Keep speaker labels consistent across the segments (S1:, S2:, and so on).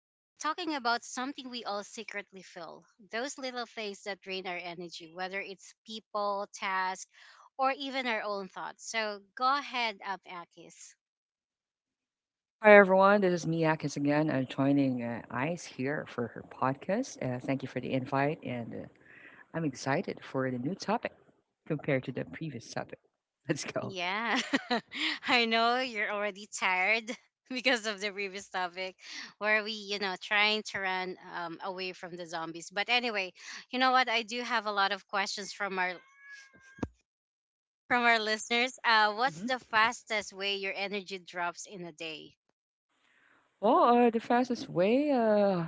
S1: we're talking about something we all secretly feel. Those little things that drain our energy, whether it's people, tasks, or even our own thoughts. So go ahead up, Akis.
S2: Hi everyone, this is me Akis again. I'm joining Ice here for her podcast. Thank you for the invite, and I'm excited for the new topic compared to the previous topic. Let's go.
S1: Yeah, I know you're already tired because of the previous topic where we, you know, trying to run away from the zombies. But anyway, you know what? I do have a lot of questions from our listeners. What's
S2: hmm
S1: the fastest way your energy drops in a day?
S2: Well, the fastest way,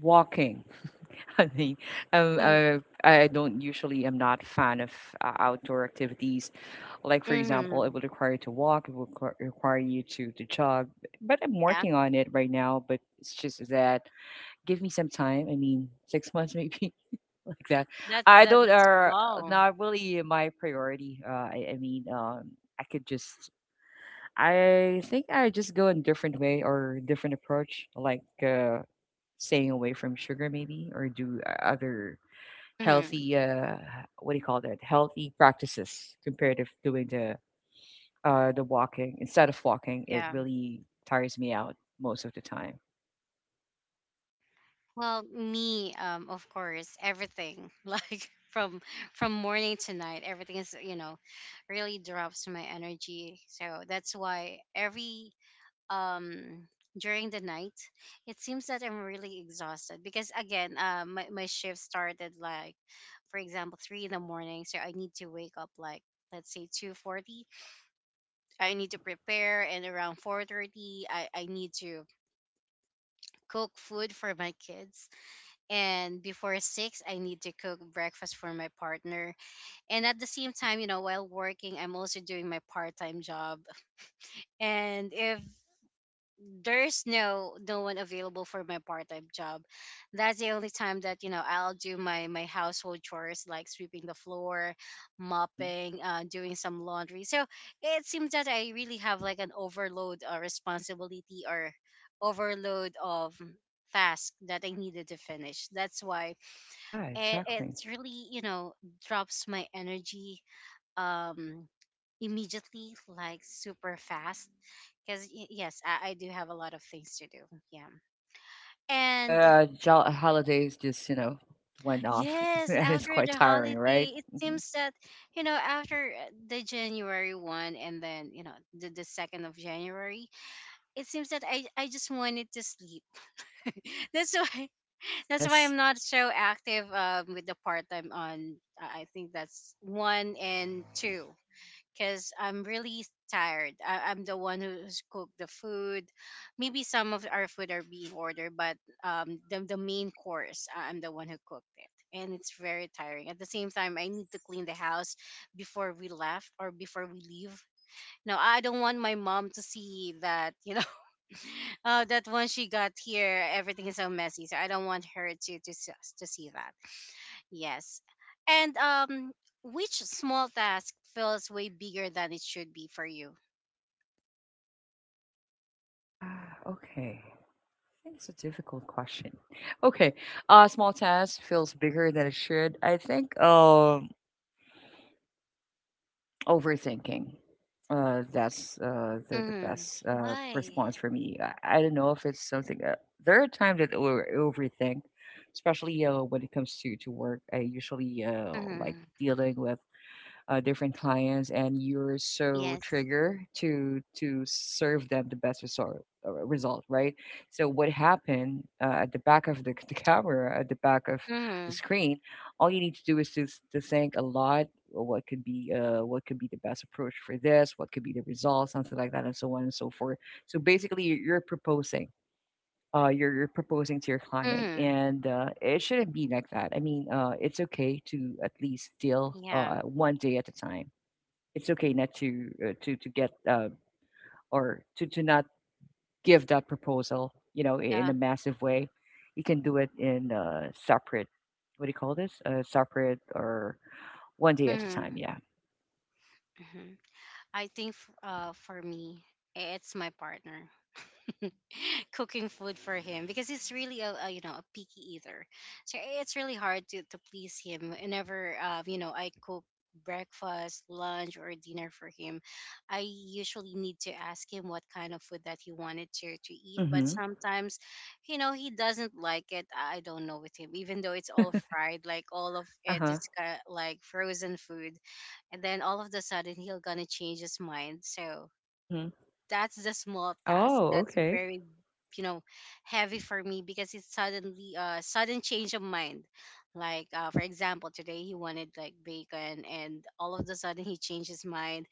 S2: walking. I mean, I don't usually am not fan of outdoor activities. Like for example,
S1: Mm-hmm.
S2: it would require you to walk. It would require you to jog. But I'm
S1: Yeah,
S2: working on it right now. But it's just that. Give me some time. I mean, 6 months maybe like that.
S1: that
S2: I
S1: that
S2: don't
S1: that's
S2: are
S1: long.
S2: not really my priority. I mean, I could just I think I just go in different way or different approach, like staying away from sugar maybe, or do other
S1: Mm-hmm.
S2: healthy, what do you call that? Healthy practices compared to doing the walking instead of walking. It
S1: Yeah.
S2: really tires me out most of the time.
S1: Well, me, of course, everything like from morning to night, everything is, you know, really drops my energy. So that's why every um during the night, it seems that I'm really exhausted because again, my shift started, like, for example, 3 in the morning, so I need to wake up, like, let's say 2:40. I need
S2: Mm-hmm.
S1: to prepare, and around 4:30 I need to cook food for my kids, and before 6 I need to cook breakfast for my partner, and at the same
S2: Mm-hmm.
S1: time, you know, while working, I'm also doing my part-time job. And if there's no one available for my part-time job, that's the only time that, you know, I'll do my household chores, like sweeping the floor,
S2: Mm-hmm.
S1: mopping, doing some laundry. So it seems that I really have like an overload or responsibility, or overload of task that I needed to finish. That's why
S2: Yeah,
S1: it,
S2: exactly.
S1: it's really, you know, drops my energy um immediately, like super fast, because yes, I do have a lot of things to do. Yeah. And
S2: Yeah, holidays just, went off,
S1: yes,
S2: and it's
S1: after
S2: quite
S1: the
S2: tiring, right?
S1: holiday, it
S2: Mhm.
S1: seems that, you know, after the January 1, and then, you know, the 2nd of January, it seems that I just wanted to sleep. That's why, that's why
S2: Yes.
S1: I'm not so active with the part time on. I think that's one and two, because I'm really tired. I'm the one who's cooked the food. Maybe some of our food are being ordered, but the main course, I'm the one who cooked it. And it's very tiring. At the same time, I need to clean the house before we left, or before we leave. Now, I don't want my mom to see that, you know, oh, that once she got here, everything is so messy. So I don't want her to to see that. Yes. And which small task feels way bigger than it should be for you?
S2: Ah, okay. I think it's a difficult question. Okay. Small task feels bigger than it should. I think, overthinking. That's the
S1: Mm-hmm.
S2: best
S1: Why?
S2: response for me. I don't know if it's something. There are times that I overthink, especially, when it comes to work. I usually, like
S1: Mm-hmm.
S2: dealing with different clients, and you're so
S1: Yes.
S2: triggered to serve them the best result, right? So what happened, at the back of the, the camera, at the back of
S1: Mm-hmm.
S2: the screen, all you need to do is to think a lot, what could be the best approach for this. What could be the result, something like that, and so on and so forth. So basically you're proposing, to your client.
S1: Mm-hmm.
S2: And it shouldn't be like that. I mean, it's okay to at least deal,
S1: Yeah.
S2: one day at a time. It's okay not to get, or to not give that proposal, in
S1: Yeah.
S2: a massive way. You can do it in, separate, what do you call this, separate, or one day at a time,
S1: Mm-hmm.
S2: yeah.
S1: Mm-hmm. I think for me, it's my partner. Cooking food for him, because he's really a you know a picky eater, so it's really hard to, please him whenever I cook breakfast, lunch, or dinner for him. I usually need to ask him what kind of food that he wanted to, eat, but
S2: Mm-hmm.
S1: sometimes, you know, he doesn't like it. I don't know with him, even though it's all fried, like all of it is
S2: Uh-huh.
S1: like frozen food, and then all of the sudden he'll gonna change his mind. So
S2: Mm-hmm.
S1: that's the small task
S2: Oh,
S1: that's
S2: okay.
S1: very, you know, heavy for me, because it's suddenly a sudden change of mind. Like, for example, today he wanted like bacon, and all of a sudden he changed his mind.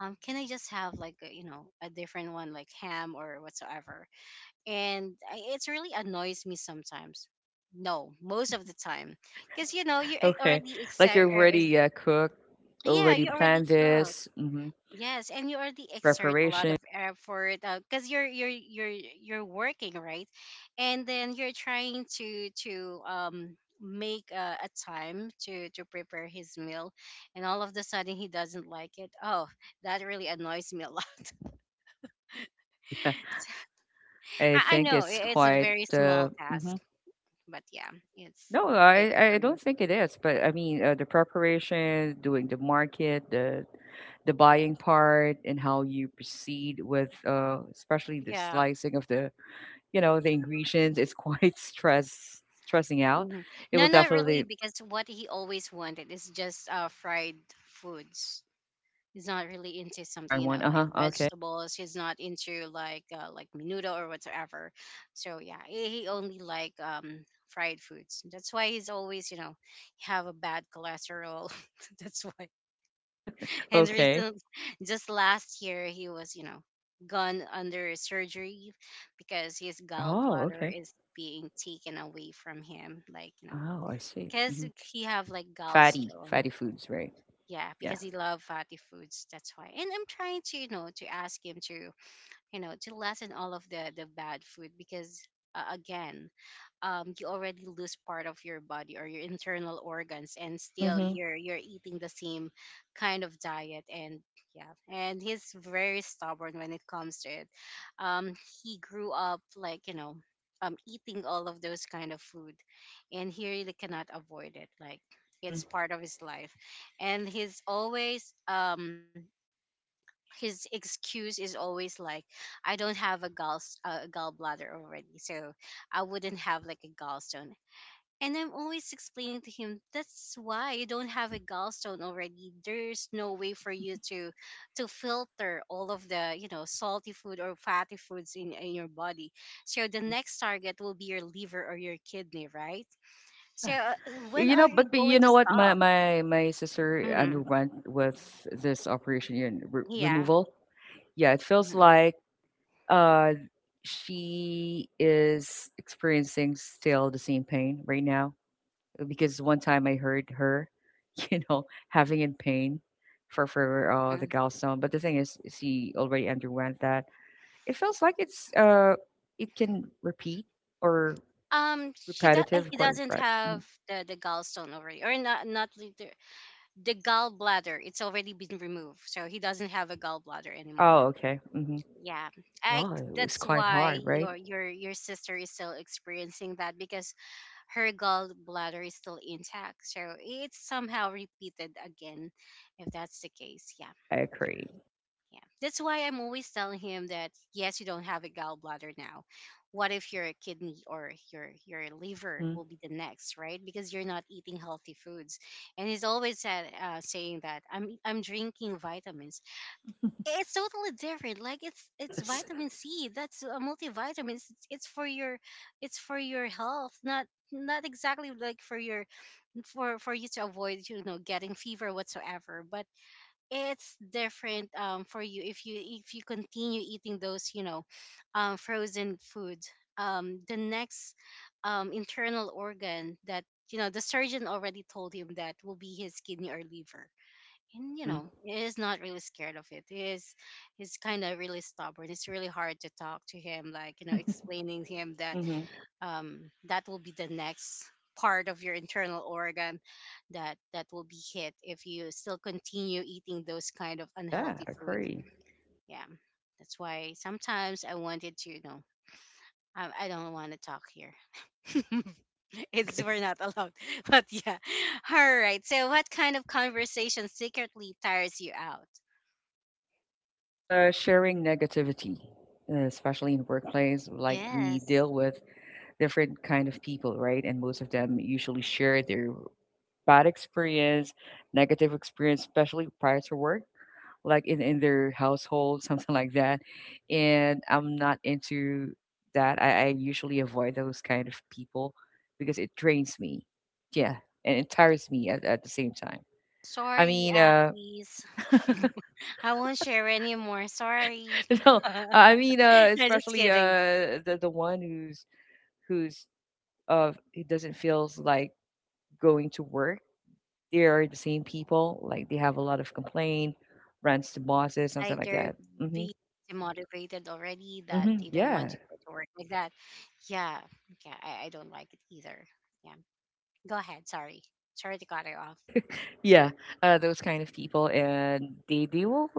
S1: Can I just have like a, you know a different one, like ham or whatsoever? And it really annoys me sometimes. No, most of the time. Because, you know, you
S2: Okay.
S1: already
S2: Like,
S1: excited.
S2: you've already, cooked,
S1: Yeah,
S2: already
S1: you already
S2: planned
S1: cooked.
S2: this. Mm-hmm.
S1: Yes, and you already exert a lot
S2: Preparation.
S1: of effort because you're working, right? And then you're trying to make a time to prepare his meal, and all of the sudden he doesn't like it. Oh, that really annoys me a lot.
S2: Yeah.
S1: So,
S2: I
S1: I
S2: think
S1: know
S2: it's
S1: it's a
S2: quite,
S1: very small task,
S2: mhm.
S1: but yeah, it's
S2: No,
S1: bigger
S2: I
S1: for
S2: I
S1: me.
S2: don't think it is, but I mean, the preparation, doing the market, the buying part, and how you proceed with, especially the
S1: Yeah.
S2: slicing of the you know the ingredients is quite stressing out.
S1: Hmm.
S2: It
S1: No,
S2: will
S1: not really,
S2: definitely
S1: because what he always wanted is just fried foods. He's not really into
S2: try
S1: something, you
S2: one.
S1: know,
S2: Uh
S1: like
S2: huh. Okay.
S1: vegetables. He's not into like menudo or whatsoever. So yeah, he only like fried foods. That's why he's always, you know, have a bad cholesterol. That's why. And the
S2: Okay.
S1: reason, just last year he was, you know, gone under surgery because his
S2: Oh,
S1: gallbladder
S2: okay.
S1: is being taken away from him, like, you know,
S2: Oh, I see.
S1: because
S2: Hmm.
S1: he have like
S2: Fatty,
S1: gallstone.
S2: fatty foods, right?
S1: Yeah,
S2: Yeah.
S1: because he love fatty foods. That's why. And I'm trying to, you know, to ask him to, you know, to lessen all of the bad food, because again, you already lose part of your body or your internal organs, and still
S2: Mm-hmm.
S1: you're eating the same kind of diet. And yeah, and he's very stubborn when it comes to it. um he grew up, like, you know, eating all of those kind of food, and he really cannot avoid it. Like,
S2: Mm-hmm.
S1: it's part of his life. And he's always, his excuse is always like, I don't have a gallbladder already, so I wouldn't have like a gallstone. And I'm always explaining to him, that's why you don't have a gallstone already, there's no way for you to filter all of the, you know, salty food or fatty foods in your body. So the
S2: Mm-hmm.
S1: next target will be your liver or your kidney, right? So
S2: Yeah.
S1: when
S2: You know,
S1: are you
S2: but
S1: going
S2: you
S1: to
S2: know what? My
S1: stop?
S2: my my sister
S1: Hmm.
S2: underwent with this operation, yeah,
S1: Yeah.
S2: removal. Yeah, it feels
S1: Hmm.
S2: like, uh she is experiencing still the same pain right now, because one time I heard her, you know, having in pain for the gallstone. But the thing is, she already underwent that. It feels like it's, it can repeat, or repetitive,
S1: He
S2: quite
S1: doesn't
S2: right.
S1: have the gallstone already, or not, the gallbladder. It's already been removed, so he doesn't have a gallbladder anymore.
S2: Oh, okay. Hmm.
S1: Yeah, I
S2: Wow, it was
S1: that's
S2: quite
S1: why
S2: hard, right?
S1: your sister is still experiencing that because her gallbladder is still intact. So it's somehow repeated again, if that's the case. Yeah.
S2: I agree.
S1: Yeah. That's why I'm always telling him that, yes, you don't have a gallbladder now. What if your kidney or your liver
S2: Hmm.
S1: will be the next, right? Because you're not eating healthy foods. And he's always said saying that I'm drinking vitamins. It's totally different. Like it's
S2: Yes.
S1: vitamin C. That's a multivitamin. It's for your health, not exactly like for your, for you to avoid, you know, getting fever whatsoever, but it's different, for you, if you continue eating those, you know, frozen food, the next internal organ that, you know, the surgeon already told him that will be his kidney or liver. And you
S2: Hmm.
S1: know, he is not really scared of it. He's kind of really stubborn. It's really hard to talk to him, like, you know, explaining him that,
S2: Hmm.
S1: that will be the next part of your internal organ, that will be hit if you still continue eating those kind of
S2: Yeah,
S1: unhealthy
S2: I
S1: food.
S2: agree.
S1: Yeah, that's why sometimes I wanted to, you know, I don't want to talk here, it's
S2: Okay.
S1: we're not allowed. But yeah, all right. So what kind of conversation secretly tires you out?
S2: Well, sharing negativity, especially in workplace, like we
S1: Yes.
S2: deal with different kind of people, right? And most of them usually share their bad experience, negative experience, especially prior to work, like in their household, something like that. And I'm not into that. I usually avoid those kind of people because it drains me. Yeah. And it tires me at the same time. I
S1: Sorry,
S2: mean,
S1: Akis. I won't share anymore. Sorry.
S2: no, I mean,
S1: No, just
S2: especially,
S1: kidding.
S2: the one who's who doesn't feels like going to work. They are the same people. Like, they have a lot of complaint, rants to bosses,
S1: Like
S2: something
S1: they're
S2: like that.
S1: being
S2: Hmm.
S1: demotivated already, that they
S2: Hmm.
S1: don't want to go
S2: Yeah.
S1: to work like that. Yeah, yeah, I don't like it either. Yeah, go ahead. Sorry, sorry to cut it off.
S2: Yeah. Those kind of people, and they will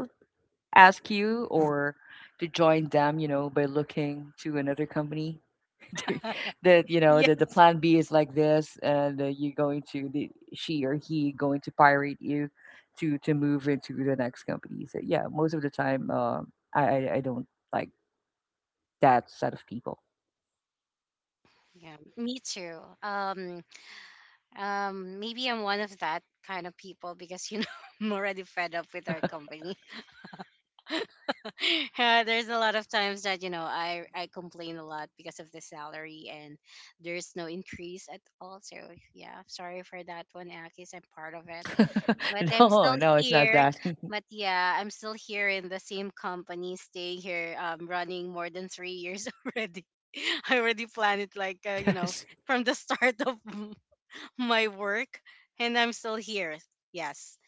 S2: ask you, or to join them, you know, by looking to another company. That you know
S1: Yes.
S2: that the plan B is like this, and you're going to the, she or he going to pirate you to move into the next company. So yeah, most of the time, I don't like that set of people.
S1: Yeah, me too. Maybe I'm one of that kind of people, because, you know, I'm already fed up with our company. There's a lot of times that, you know, I complain a lot because of the salary, and there's no increase at all. So yeah, sorry for that one, Akis. I'm part of it. But I'm
S2: No,
S1: still
S2: no, it's not
S1: here.
S2: that.
S1: But yeah, I'm still here in the same company, staying here, running more than 3 years already. I already planned it, like,
S2: Yes.
S1: from the start of my work, and I'm still here. Yes,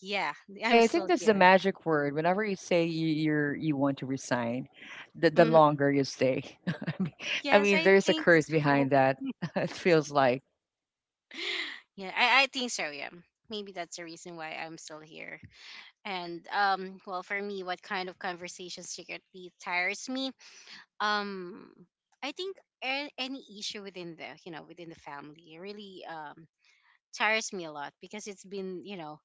S1: yeah,
S2: Because
S1: I'm
S2: I think
S1: still
S2: that's the
S1: here.
S2: magic word. Whenever you say, you're, you want to resign, the
S1: Mm,
S2: longer you stay. I mean,
S1: yes, I
S2: there's a
S1: think
S2: curse behind
S1: so.
S2: that. It feels like.
S1: Yeah, I think so. Yeah, maybe that's the reason why I'm still here. And well, for me, what kind of conversation secretly tires me? um I think any issue within the within the family really tires me a lot because it's been you know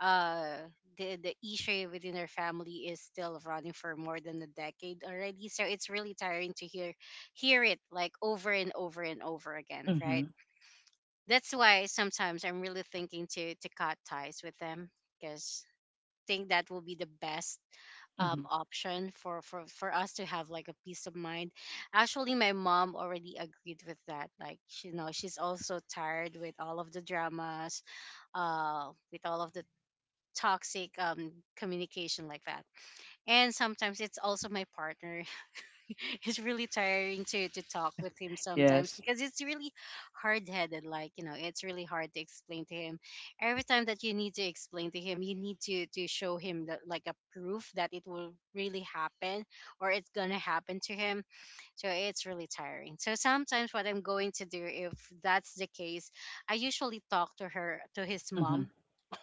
S1: uh the issue within our family is still running for more than a decade already, so it's really tiring to hear it like over and over and over again,
S2: Hmm.
S1: right? That's why sometimes I'm really thinking to cut ties with them because think that will be the best
S2: Hmm.
S1: option for us to have like a peace of mind. Actually, my mom already agreed with that. Like, you know, she's also tired with all of the dramas, with all of the toxic communication like that. And sometimes it's also my partner. it's really tiring to talk with him sometimes
S2: Yes.
S1: because it's really hard headed, like, you know, it's really hard to explain to him every time that you need to explain to him, you need to show him that like a proof that it will really happen or it's gonna happen to him. So it's really tiring. So sometimes what I'm going to do, if that's the case, I usually talk to her, to his
S2: Hmm.
S1: mom.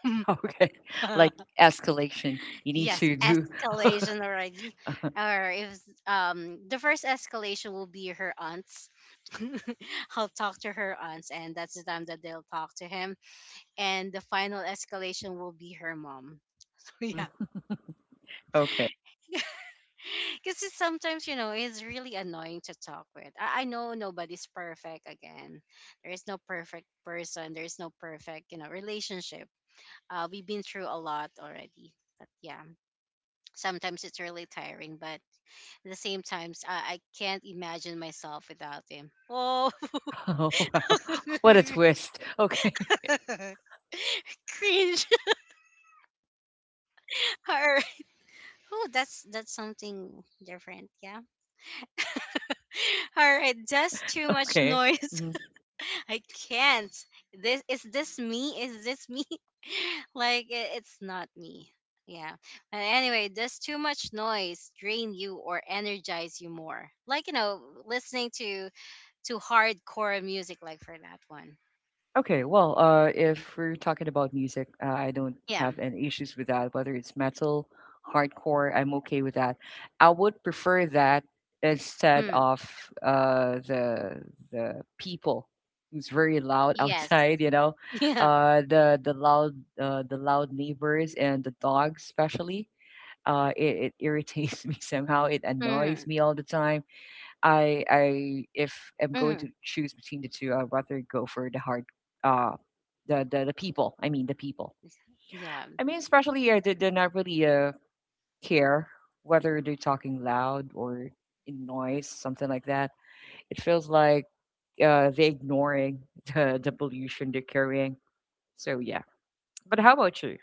S2: Okay. Like, escalation. You need
S1: Yes,
S2: to do.
S1: escalation already. Or if the first escalation will be her aunts. I'll talk to her aunts and that's the time that they'll talk to him. And the final escalation will be her mom. So yeah.
S2: Hmm. Okay.
S1: Because sometimes, you know, it's really annoying to talk with. I know nobody's perfect again. There is no perfect person. There is no perfect, you know, relationship. We've been through a lot already. But yeah, sometimes it's really tiring. But at the same time, I can't imagine myself without him. Oh,
S2: Oh, wow. What a
S1: cringe.
S2: twist. Okay.
S1: All right. Oh, that's something different. Yeah. All right. That's too much
S2: Okay.
S1: noise.
S2: Mm-hmm.
S1: I can't. This is this me? Is this me? like it's not me. Yeah. But anyway, does too much noise drain you or energize you more? Like, you know, listening to hardcore music, like for that one.
S2: Okay, well, if we're talking about music, I don't
S1: Yeah.
S2: have any issues with that. Whether it's metal, hardcore, I'm okay with that. I would prefer that instead
S1: Hmm.
S2: of, the people who's very loud
S1: Yes.
S2: outside. You know,
S1: Yeah.
S2: the loud neighbors, and the dogs especially. It irritates me somehow. It annoys
S1: Mhm.
S2: me all the time. I If I'm going to
S1: Mhm.
S2: choose between the two, I'd rather go for the hard, uh the people. I mean the people.
S1: Yeah.
S2: I mean, especially, they not really, care whether they're talking loud, or in noise, something like that. It feels like they ignoring the pollution they're carrying. So yeah. But how about you?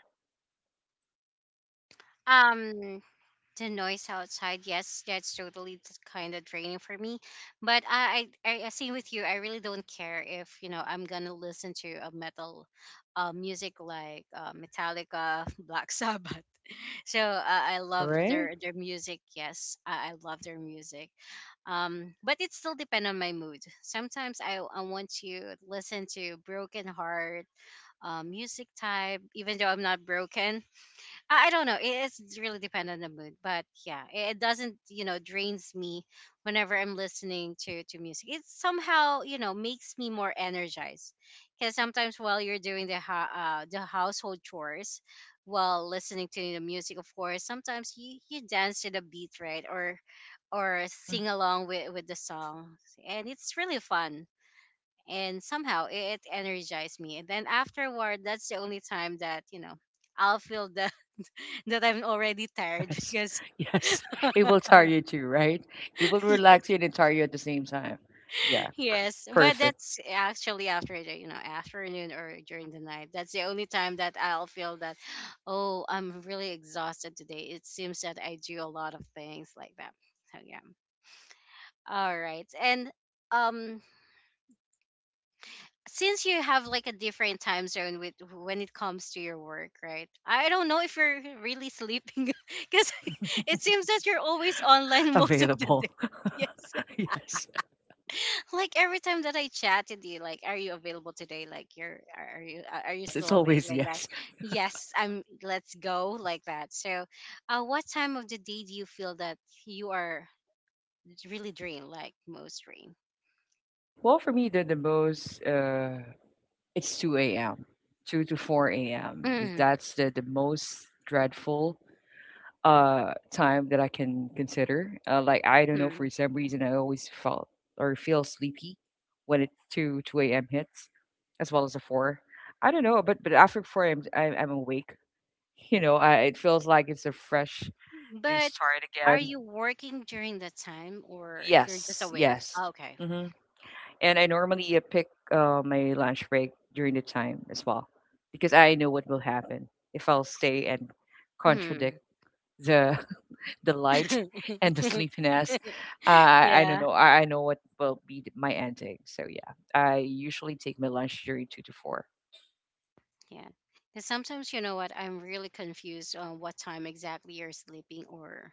S1: Um the noise outside, yes, that's totally kind of draining for me. But I same with you. I really don't care if, you know, I'm going to listen to a metal music, like Metallica, Black Sabbath. So I
S2: Yeah,
S1: love
S2: right?
S1: their music. Yes, I love their music. But it still depends on my mood. Sometimes I want to listen to Broken Heart music type, even though I'm not broken. I don't know. It's really dependent on the mood. But yeah, it doesn't, you know, drains me whenever I'm listening to music. It somehow, you know, makes me more energized. Because sometimes while you're doing the, the household chores, while listening to the music, of course, sometimes you dance to the beat, right? Or
S2: Hmm.
S1: sing along with the song. And it's really fun and somehow it energized me. And then afterward, that's the only time that, you know, I'll feel the that I'm already tired,
S2: Yes.
S1: because
S2: Yes. It will tire you too, right? It will relax
S1: yes,
S2: you and tire you at the same time. Yeah.
S1: yes. But
S2: Perfect.
S1: that's actually after the, you know, afternoon or during the night. That's the only time that I'll feel that oh, I'm really exhausted today. It seems that I do a lot of things like that. So yeah. All right, and um since you have like a different time zone with when it comes to your work, right? I don't know if you're really sleeping, because it seems that you're always online most of the day.
S2: Available.
S1: Yes.
S2: Yes.
S1: Like every time that I chatted you, like, are you available today? Like, you're are you are you
S2: Yes,
S1: still
S2: it's
S1: awake?
S2: always
S1: Like that.
S2: yes.
S1: Yes, I'm. Let's go like that. So, what time of the day do you feel that you are really drained, like most drained?
S2: Well, for me, the most, it's 2 a.m., two to 4 a.m.
S1: Mm-hmm.
S2: That's the most dreadful, time that I can consider. Like, I don't know, for some reason I always felt or feel sleepy when it two a.m. hits, as well as the four. I don't know, but after 4 a.m. am I'm awake. You know, it feels like it's a fresh new
S1: But
S2: start
S1: are
S2: again.
S1: you working during that time or you're just
S2: Yes,
S1: awake? Ah,
S2: yes.
S1: okay.
S2: Hmm. And I normally, pick, my lunch break during the time as well, because I know what will happen if I'll stay and
S1: Hmm.
S2: contradict the the light and the sleepiness. I don't
S1: yeah.
S2: know. I know what will be my ending. So yeah, I usually take my lunch during 2 to 4.
S1: Yeah. Because sometimes, you know what, I'm really confused on what time exactly you're sleeping, or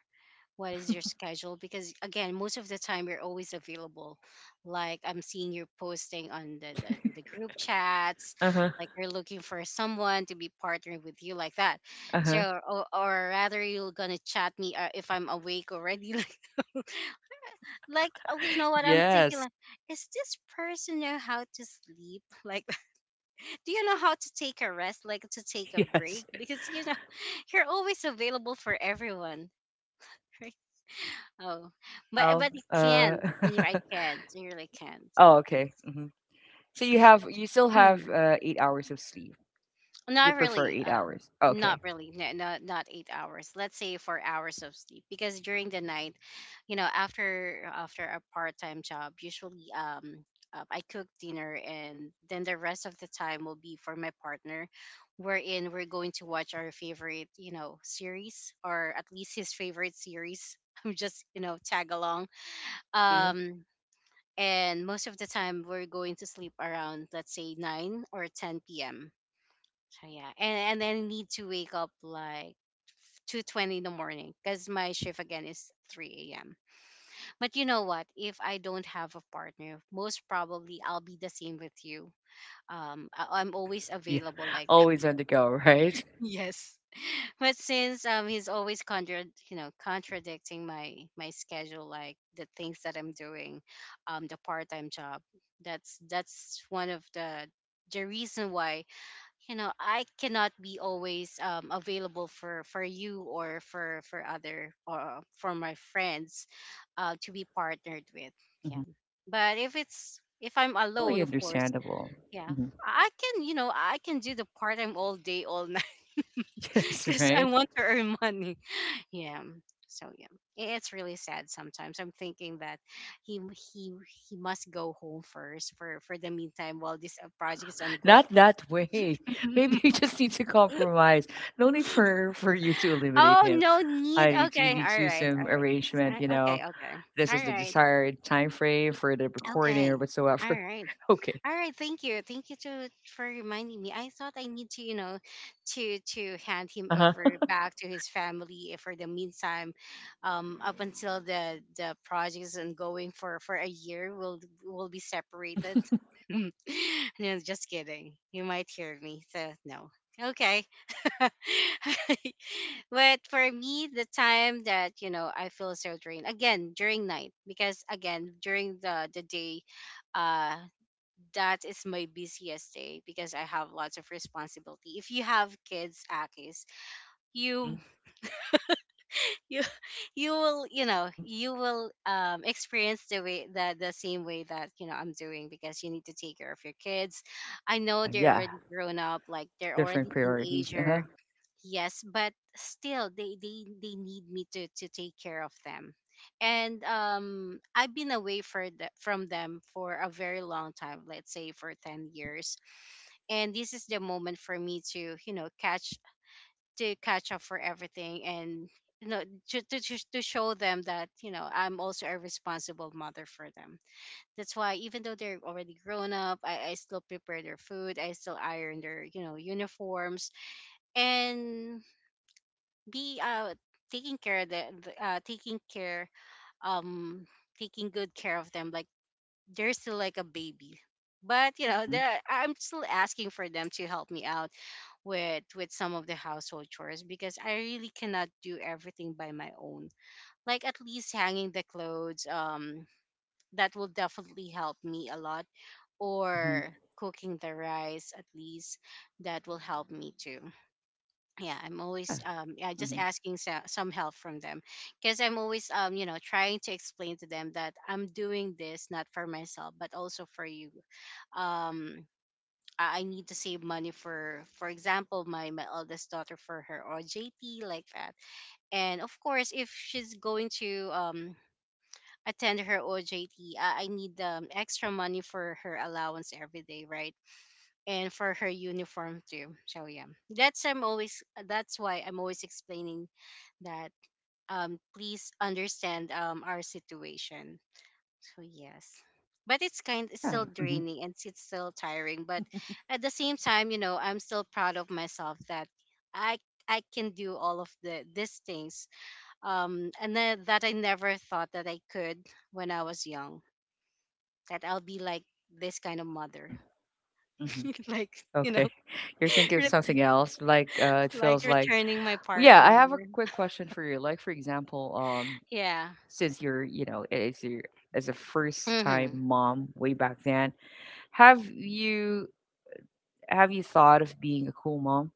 S1: what
S2: Hmm.
S1: is your schedule, because again most of the time you're always available. Like I'm seeing you posting on the group chats,
S2: Uh huh.
S1: like you're looking for someone to be partnering with you, like that.
S2: Uh huh.
S1: So or rather you're gonna chat me if I'm awake already, like oh, you know what I'm thinking,
S2: Yes.
S1: like is this person know how to sleep, like do you know how to take a rest, like to take a break,
S2: Yes.
S1: because, you know, you're always available for everyone. Oh,
S2: Well.
S1: but I can't. Me, I can't. I really can't.
S2: Oh, okay.
S1: It's
S2: Mm-hmm. So you still have,
S1: mm,
S2: 8 hours of sleep. You
S1: not
S2: prefer
S1: really.
S2: eight hours.
S1: Not
S2: Okay.
S1: really. No, no, not 8 hours. Let's say 4 hours of sleep because during the night, you know, after a part time job, usually I cook dinner, and then the rest of the time will be for my partner, wherein we're going to watch our favorite, you know, series, or at least his favorite series. I'm just, you know, tag along.
S2: Mm-hmm.
S1: Um, and most of the time we're going to sleep around, let's say 9 or 10 p.m. So yeah, and then need to wake up like 2:20 in the morning because my shift again is 3 a.m. But you know what, if I don't have a partner, most probably I'll be the same with you. Um, I'm always
S2: Yeah.
S1: available like that.
S2: Always on the go, right?
S1: yes, but since he's always you know, contradicting my schedule, like the things that I'm doing, the part-time job, that's one of the reason why, you know, I cannot be always available for you, or for other, or for my friends to be partnered with. Yeah,
S2: Mm-hmm.
S1: but if it's if I'm
S2: Totally
S1: alone, of course,
S2: understandable.
S1: yeah,
S2: Hmm.
S1: I can, you know, I can do the part-time all day all night,
S2: Yes,
S1: because I
S2: right.
S1: want to earn money. Yeah. So yeah, it's really sad sometimes. I'm thinking that he he he must go home first for the meantime while this project is ongoing.
S2: Not that way. Maybe you just need to compromise. No need for you to eliminate
S1: oh,
S2: him.
S1: no need.
S2: You
S1: Okay.
S2: need to
S1: All
S2: do
S1: right.
S2: some
S1: All right.
S2: arrangement. You know,
S1: Okay. Okay.
S2: this is
S1: All
S2: the
S1: right.
S2: desired time frame for the recording or
S1: Okay. All
S2: whatsoever.
S1: right.
S2: Okay.
S1: All right, thank you. Thank you to for reminding me. I thought I need to, you know, to hand him
S2: Uh huh.
S1: over back to his family for the meantime, up until the project is ongoing for a year, we'll be separated.
S2: Hmm.
S1: no, just kidding. You might hear me. So no. Okay. but for me, the time that, you know, I feel so drained again during night because again during the day, uh, that is my busiest day because I have lots of responsibility. If you have kids, Akis, you
S2: Hmm.
S1: you you will, you know,
S2: Hmm.
S1: you will experience the way the same way that, you know, I'm doing, because you need to take care of your kids. I know
S2: Uh,
S1: they're
S2: yeah,
S1: already grown up, like they're
S2: different
S1: already
S2: priorities.
S1: teenager.
S2: Uh-huh.
S1: Yes, but still they they need me to take care of them. And I've been away for the, from them for a very long time, let's say for 10
S2: Mhm,
S1: years, and this is the moment for me to, you know, catch to catch up for everything, and, you know, to show them that, you know, I'm also a responsible mother for them. That's why even though they're already grown up, I still prepare their food, I still iron their, you know, uniforms and be taking care of the taking care um taking good care of them, like they're still like a baby. But you know
S2: mhm,
S1: I'm still asking for them to help me out with some of the household chores, because I really cannot do everything by my own. Like at least hanging the clothes, that will definitely help me a lot.
S2: mhm.
S1: Or cooking the rice, at least that will help me too. Yeah, I'm always
S2: Yeah,
S1: yeah, just
S2: mhm,
S1: asking some help from them because I'm always you know, trying to explain to them that I'm doing this not for myself but also for you. Um, I need to save money for example, my eldest daughter for her OJT, like that. And of course, if she's going to attend her OJT, I need extra money for her allowance every day, right? And for her uniform too. So yeah, that's I'm always, that's why I'm always explaining that please understand our situation. So yes. But it's kind it's
S2: yeah,
S1: still
S2: mhm,
S1: draining and it's still tiring. But at the same time, you know, I'm still proud of myself that I I can do all of the these things. Um, and then that I never thought that I could when I was young. That I'll be like this kind of mother.
S2: mhm, mhm.
S1: like, you know,
S2: Okay, you're thinking of
S1: ret-
S2: something else. Like, it
S1: like
S2: feels like.
S1: returning my
S2: Well, yeah. I
S1: partner.
S2: have a quick question for you. Like, for example,
S1: Yeah.
S2: since you're, you know, as a first time
S1: Mm-hmm.
S2: mom way back then, have you have you thought of being a cool mom,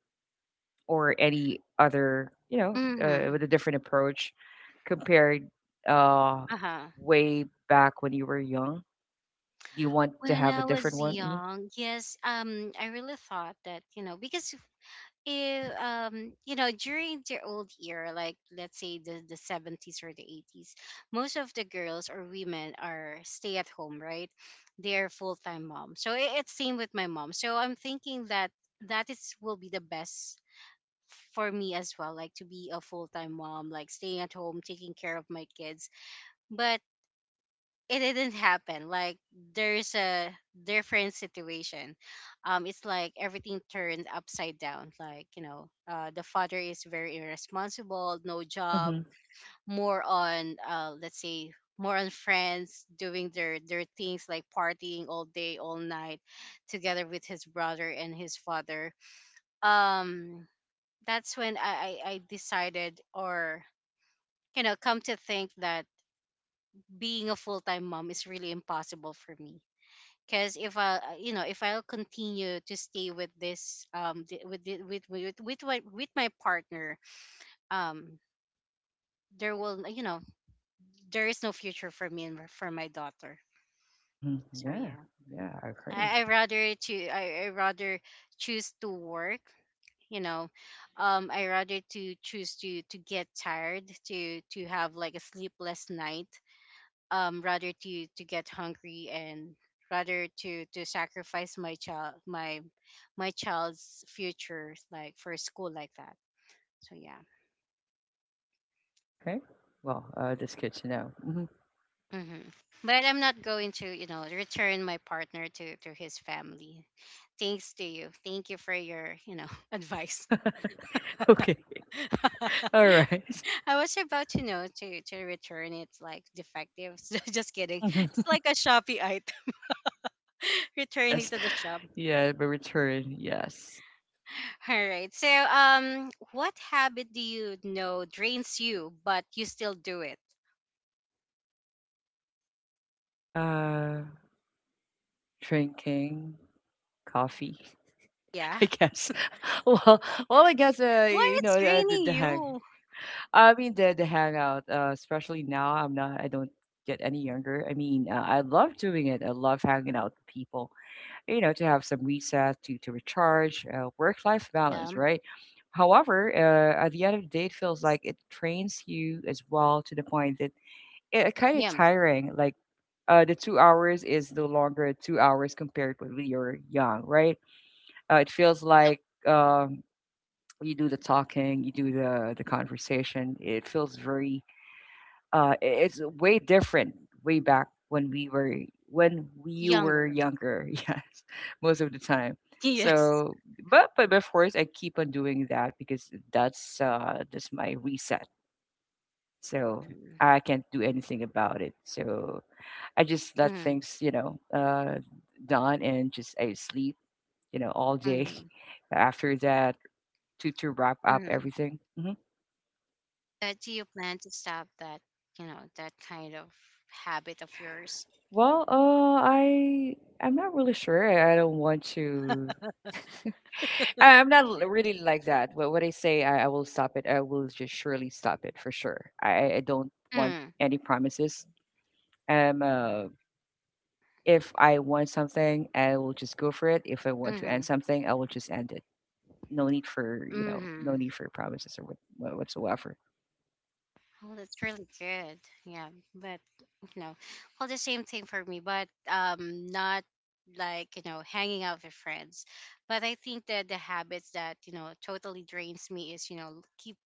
S2: or any other, you know,
S1: Hmm.
S2: with a different approach, compared, uh,
S1: Uh-huh.
S2: way back when you were young? Do you want to
S1: When
S2: have a
S1: I
S2: different
S1: was
S2: one?
S1: young, yes, I really thought that, you know, because if you know during their old era, like let's say the 70s or the 80s, most of the girls or women are stay at home, right? They're full-time mom, so it's same with my mom. So I'm thinking that that is will be the best for me as well, like to be a full-time mom, like staying at home taking care of my kids. But it didn't happen. Like there's a different situation. It's like everything turned upside down. Like the father is very irresponsible, no job,
S2: Mm-hmm.
S1: more on let's say more on friends doing their things, like partying all day all night together with his brother and his father. um that's when I decided, or you know, come to think that being a full-time mom is really impossible for me. Because if I'll continue to stay with this th- with the- with my partner, um there will, you know, there is no future for me and for my daughter.
S2: Mm-hmm.
S1: So
S2: Yeah.
S1: yeah.
S2: Yeah, I agree.
S1: I rather choose to work, you know. I rather to choose to get tired, to have like a sleepless night, rather to get hungry, and rather to sacrifice my child, my child's future, like for school, like that. So yeah.
S2: Okay. Well, that's good to know. Hmm.
S1: Hmm. But I'm not going to, you know, return my partner to his family. Thanks to you, thank you for your, you know, advice.
S2: Okay. All right.
S1: I was about to know to return it, like defective. So just kidding.
S2: Mhm.
S1: It's like a Shopee item. Returning
S2: Yes.
S1: to the shop.
S2: Yeah, but return. Yes.
S1: All right, so um, what habit, do you know, drains you but you still do it?
S2: Uh, Drinking coffee,
S1: Yeah.
S2: I guess. well, well, I guess,
S1: Why it's
S2: the,
S1: draining
S2: the hang.
S1: you?
S2: I mean, the hangout, especially now, I don't get any younger. I mean, I love doing it. I love hanging out with people, you know, to have some reset, to recharge, work life
S1: Yeah,
S2: balance, right? However, at the end of the day, it feels like it trains you as well, to the point that it kind of
S1: him.
S2: tiring. Like, the 2 hours is no longer 2 hours compared with when you're young, right? It feels
S1: Nope.
S2: like, um, you do the talking, you do the conversation. It feels very it's way different way back when we were
S1: Younger.
S2: younger yes most of the time.
S1: Yes.
S2: So but of course I keep on doing that because that's my reset. So
S1: Mm,
S2: I can't do anything about it, so I just let
S1: mm,
S2: things done and just I sleep, you know, all day
S1: mm,
S2: after that to wrap up
S1: mm.
S2: everything. Hmm.
S1: But do you plan to stop that, you know, that kind of habit of yours?
S2: Well, I'm not really sure. I don't want to. I'm not really like that. What I say, I will stop it. I will just surely stop it for sure. I don't want
S1: Mm,
S2: any promises. Um, uh, if I want something, I will just go for it. If I want to
S1: mm-hmm,
S2: end something, I will just end it. No need for, you know, no
S1: mm-hmm.
S2: need for promises or what whatsoever.
S1: Well, that's really good. Yeah, but you know, well, the same thing for me, but not like you know hanging out with friends. But I think that the habits that, you know, totally drains me is, you know, keep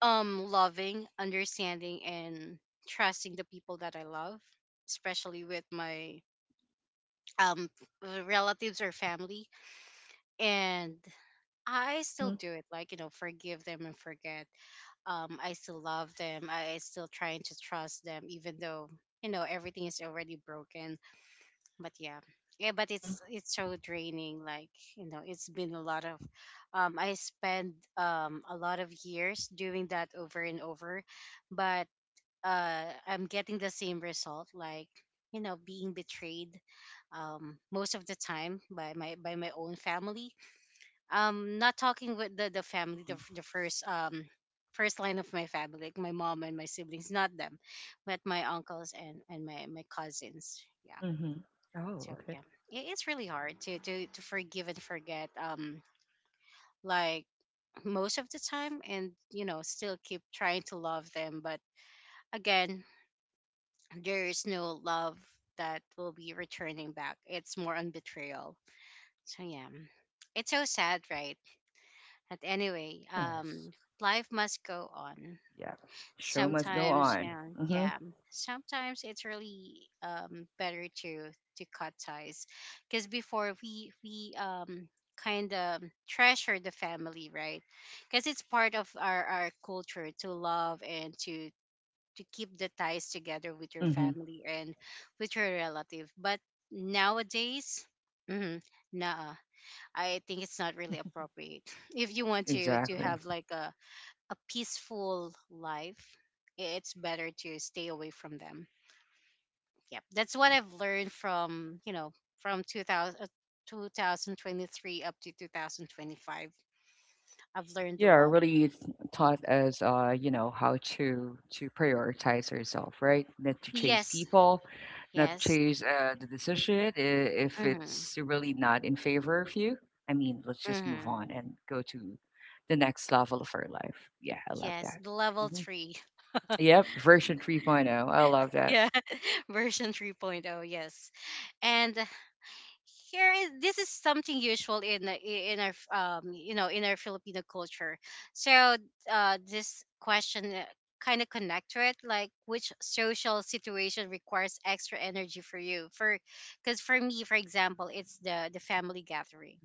S1: loving, understanding, and trusting the people that I love, especially with my um relatives or family. And I still
S2: Mhm.
S1: do it, like, you know, forgive them and forget. I still love them. I still trying to trust them, even though, you know, everything is already broken. But yeah. Yeah, but
S2: Mhm.
S1: it's so draining. Like, you know, it's been a lot of, I spent a lot of years doing that over and over. But I'm getting the same result, like, you know, being betrayed, most of the time by my own family. Not talking with the family, the
S2: Mhm.
S1: the first first line of my family, like my mom and my siblings, not them, but my uncles and my cousins. Yeah.
S2: Mhm. Oh,
S1: So
S2: okay.
S1: yeah, it's really hard to to forgive and forget. Like most of the time, and you know, still keep trying to love them. But again, there is no love that will be returning back. It's more on betrayal. So yeah. It's so sad, right? But anyway,
S2: Yes.
S1: um, life must go on.
S2: Yeah. Show must go
S1: Sometimes, you
S2: on.
S1: know,
S2: Mm-hmm.
S1: yeah. Sometimes it's really better to cut ties. Because before we kind of treasure the family, right? Because it's part of our culture to love and to keep the ties together with your
S2: Mm-hmm.
S1: family and with your relative. But nowadays, mm-hmm, nah, I think it's not really appropriate. If you want to
S2: Exactly.
S1: have like a peaceful life, I- it's better to stay away from them. Yep, that's
S2: Yeah.
S1: what I've learned from, you know, from 2000, 2023 up to 2025. I've learned a
S2: Yeah,
S1: lot.
S2: really it's taught us, you know, how to prioritize ourselves, right? Not to chase
S1: Yes,
S2: people, not to
S1: yes.
S2: chase the decision if
S1: Mm-hmm.
S2: it's really not in favor of you. I mean, let's just move
S1: Mm-hmm.
S2: on and go to the next level of our life. Yeah, I love
S1: Yes,
S2: that.
S1: the level
S2: Hmm.
S1: three.
S2: Yep, version 3.0. I love that.
S1: Yeah. Version 3.0. Yes. And here is, this is something usual in the- in our you know, in our Filipino culture. So uh, this question kind of connect to it. Like, which social situation requires extra energy for you? For, because for me, for example, it's the family gathering.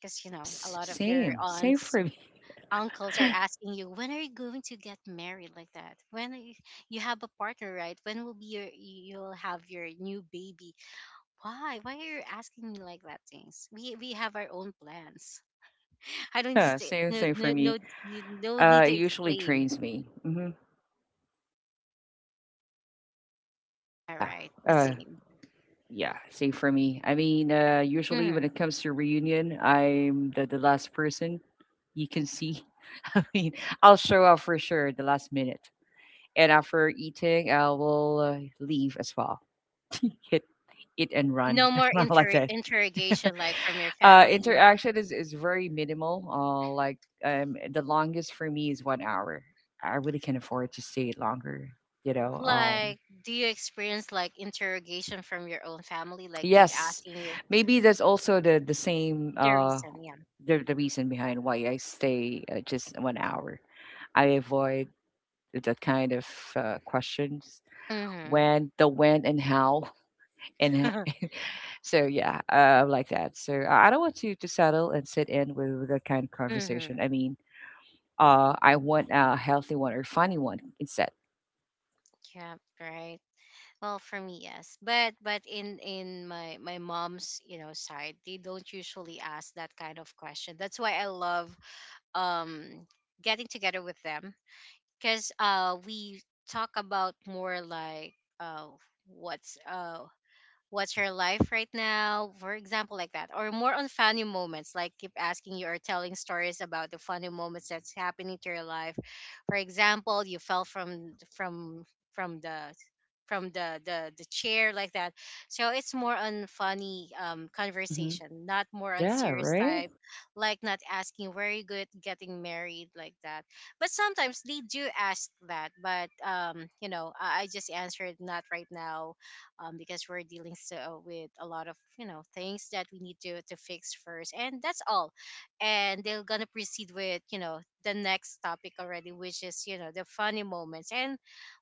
S1: Because you know, a
S2: Yes,
S1: lot of your
S2: same
S1: aunts,
S2: for me.
S1: uncles are asking you, when are you going to get married, like that? When are you, you have a partner, right? When will be your, you'll have your new baby? Why are you asking me like that things? We have our own plans. I don't need
S2: Yeah,
S1: to.
S2: same
S1: No,
S2: thing for
S1: no,
S2: me.
S1: no, need- no need
S2: It
S1: to
S2: usually
S1: explain.
S2: trains me. Hmm.
S1: All
S2: Yeah.
S1: right, the
S2: Uh.
S1: same.
S2: Yeah, same for me. I mean, usually when
S1: Mm.
S2: it comes to reunion, I'm the last person you can see. I mean, I'll show up for sure at the last minute. And after eating, I will leave as well. Hit it and run.
S1: No more
S2: I like
S1: inter-
S2: that.
S1: interrogation, like, from your family,
S2: Interaction is very minimal. Like the longest for me is 1 hour. I really can't afford to stay longer. You know,
S1: like do you experience like interrogation from your own family, like keep
S2: yes,
S1: asking you
S2: maybe that's also the same
S1: the reason?
S2: the reason behind why I stay just 1 hour. I avoid that kind of questions.
S1: Yeah.
S2: When, the when, and how, and
S1: Hmm.
S2: so yeah, I like that. So I don't want to settle and sit in with that kind of
S1: Mm-hmm.
S2: conversation. I mean, I want a healthy one or funny one instead.
S1: Yeah, right. Well, for me, yes, but in my my mom's, you know, side, they don't usually ask that kind of question. That's why I love um getting together with them. Because we talk about more like uh, what's uh, what's your life right now, for example, like that? Or more on funny moments, like keep asking you or telling stories about the funny moments that's happening to your life. For example, you fell from the from the chair, like that. So it's more on funny
S2: Mm-hmm.
S1: conversation, not more on
S2: Yeah,
S1: serious
S2: right?
S1: type. Like, not asking where you good getting married, like that. But sometimes they do ask that, but um, you know, I just answered not right now. Um, because we're dealing so with a lot of, you know, things that we need to fix first, and that's all. And they're gonna proceed with, you know, the next topic already, which is, you know, the funny moments. And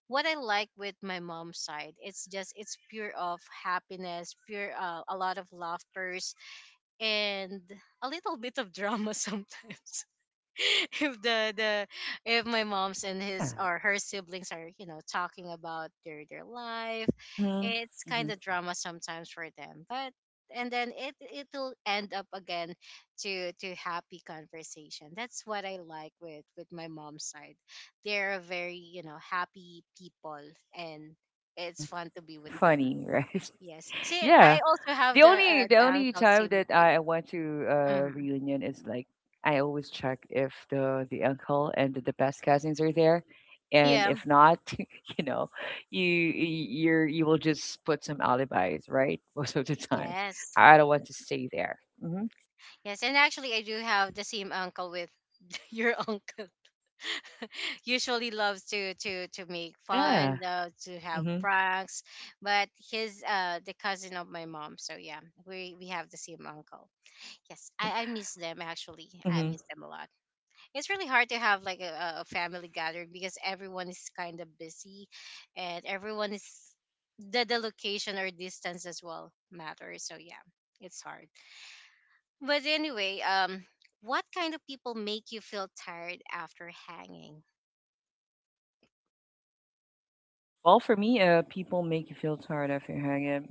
S1: what I like with my mom's side, it's just it's pure of happiness, pure a lot of laughters, and a little bit of drama sometimes. If the the if my mom's and
S2: Yeah.
S1: his or her siblings are, you know, talking about their life,
S2: Mm-hmm.
S1: it's
S2: Mm-hmm.
S1: kind of drama sometimes for them. But and then it it'll end up again to happy conversation. That's what I like with my mom's side. They're very, you know, happy people. And
S2: Mm-hmm.
S1: it's fun to be with them.
S2: Funny, right?
S1: Yes, see,
S2: Yeah.
S1: I also have the
S2: The only
S1: uncle,
S2: time
S1: same with
S2: that
S1: you.
S2: I went to a
S1: Hmm.
S2: reunion is like I always check if the the uncle and the best cousins are there, and
S1: Yeah.
S2: if not, you know, you you will just put some alibis, right? Most of the time,
S1: Yes.
S2: I don't want to stay there. Hmm.
S1: Yes, and actually, I do have the same uncle with your uncle. Usually loves to make
S2: Yeah.
S1: fun, to have
S2: Hmm.
S1: pranks. But he's the cousin of my mom. So yeah, we have the same uncle. Yes, I miss them actually. I miss
S2: Hmm.
S1: them a lot. It's really hard to have like a family gathering because everyone is kind of busy, and everyone is, the location or distance as well matters. So yeah, it's hard. But anyway, what kind of people make you feel tired after hanging?
S2: Well, for me, people make you feel tired after you hang out.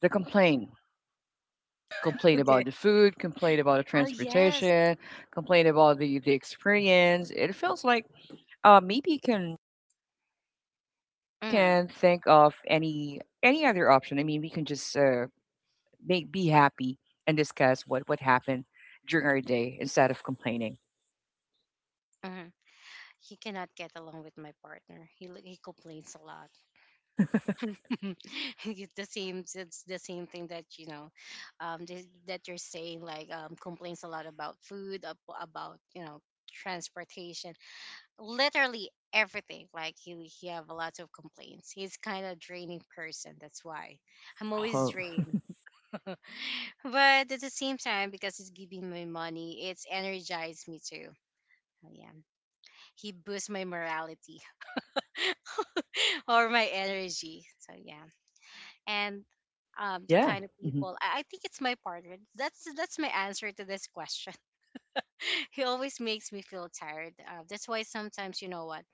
S2: They complain, complain about
S1: Okay.
S2: the food, complain about the
S1: Oh yes.
S2: transportation, complain about the experience. It feels like uh, maybe you
S1: Mm,
S2: can think of any other option. I mean, we can just make be happy and discuss what happened during our day instead of complaining.
S1: mm. He cannot get along with my partner. He li- he complains a lot. It's the same. It's the same thing that, you know, th- that you're saying. Like complains a lot about food, ab- about you know, transportation, literally everything. Like he have a lot of complaints. He's kind of draining person. That's why I'm always
S2: Oh,
S1: drained. But at the same time, because he's giving me money, it's energized me too. So, yeah, he boosts my morality or my energy. So yeah, and the
S2: yeah.
S1: kind of
S2: Hmm.
S1: people I think it's my partner. That's my answer to this question. He always makes me feel tired. That's why sometimes you know what,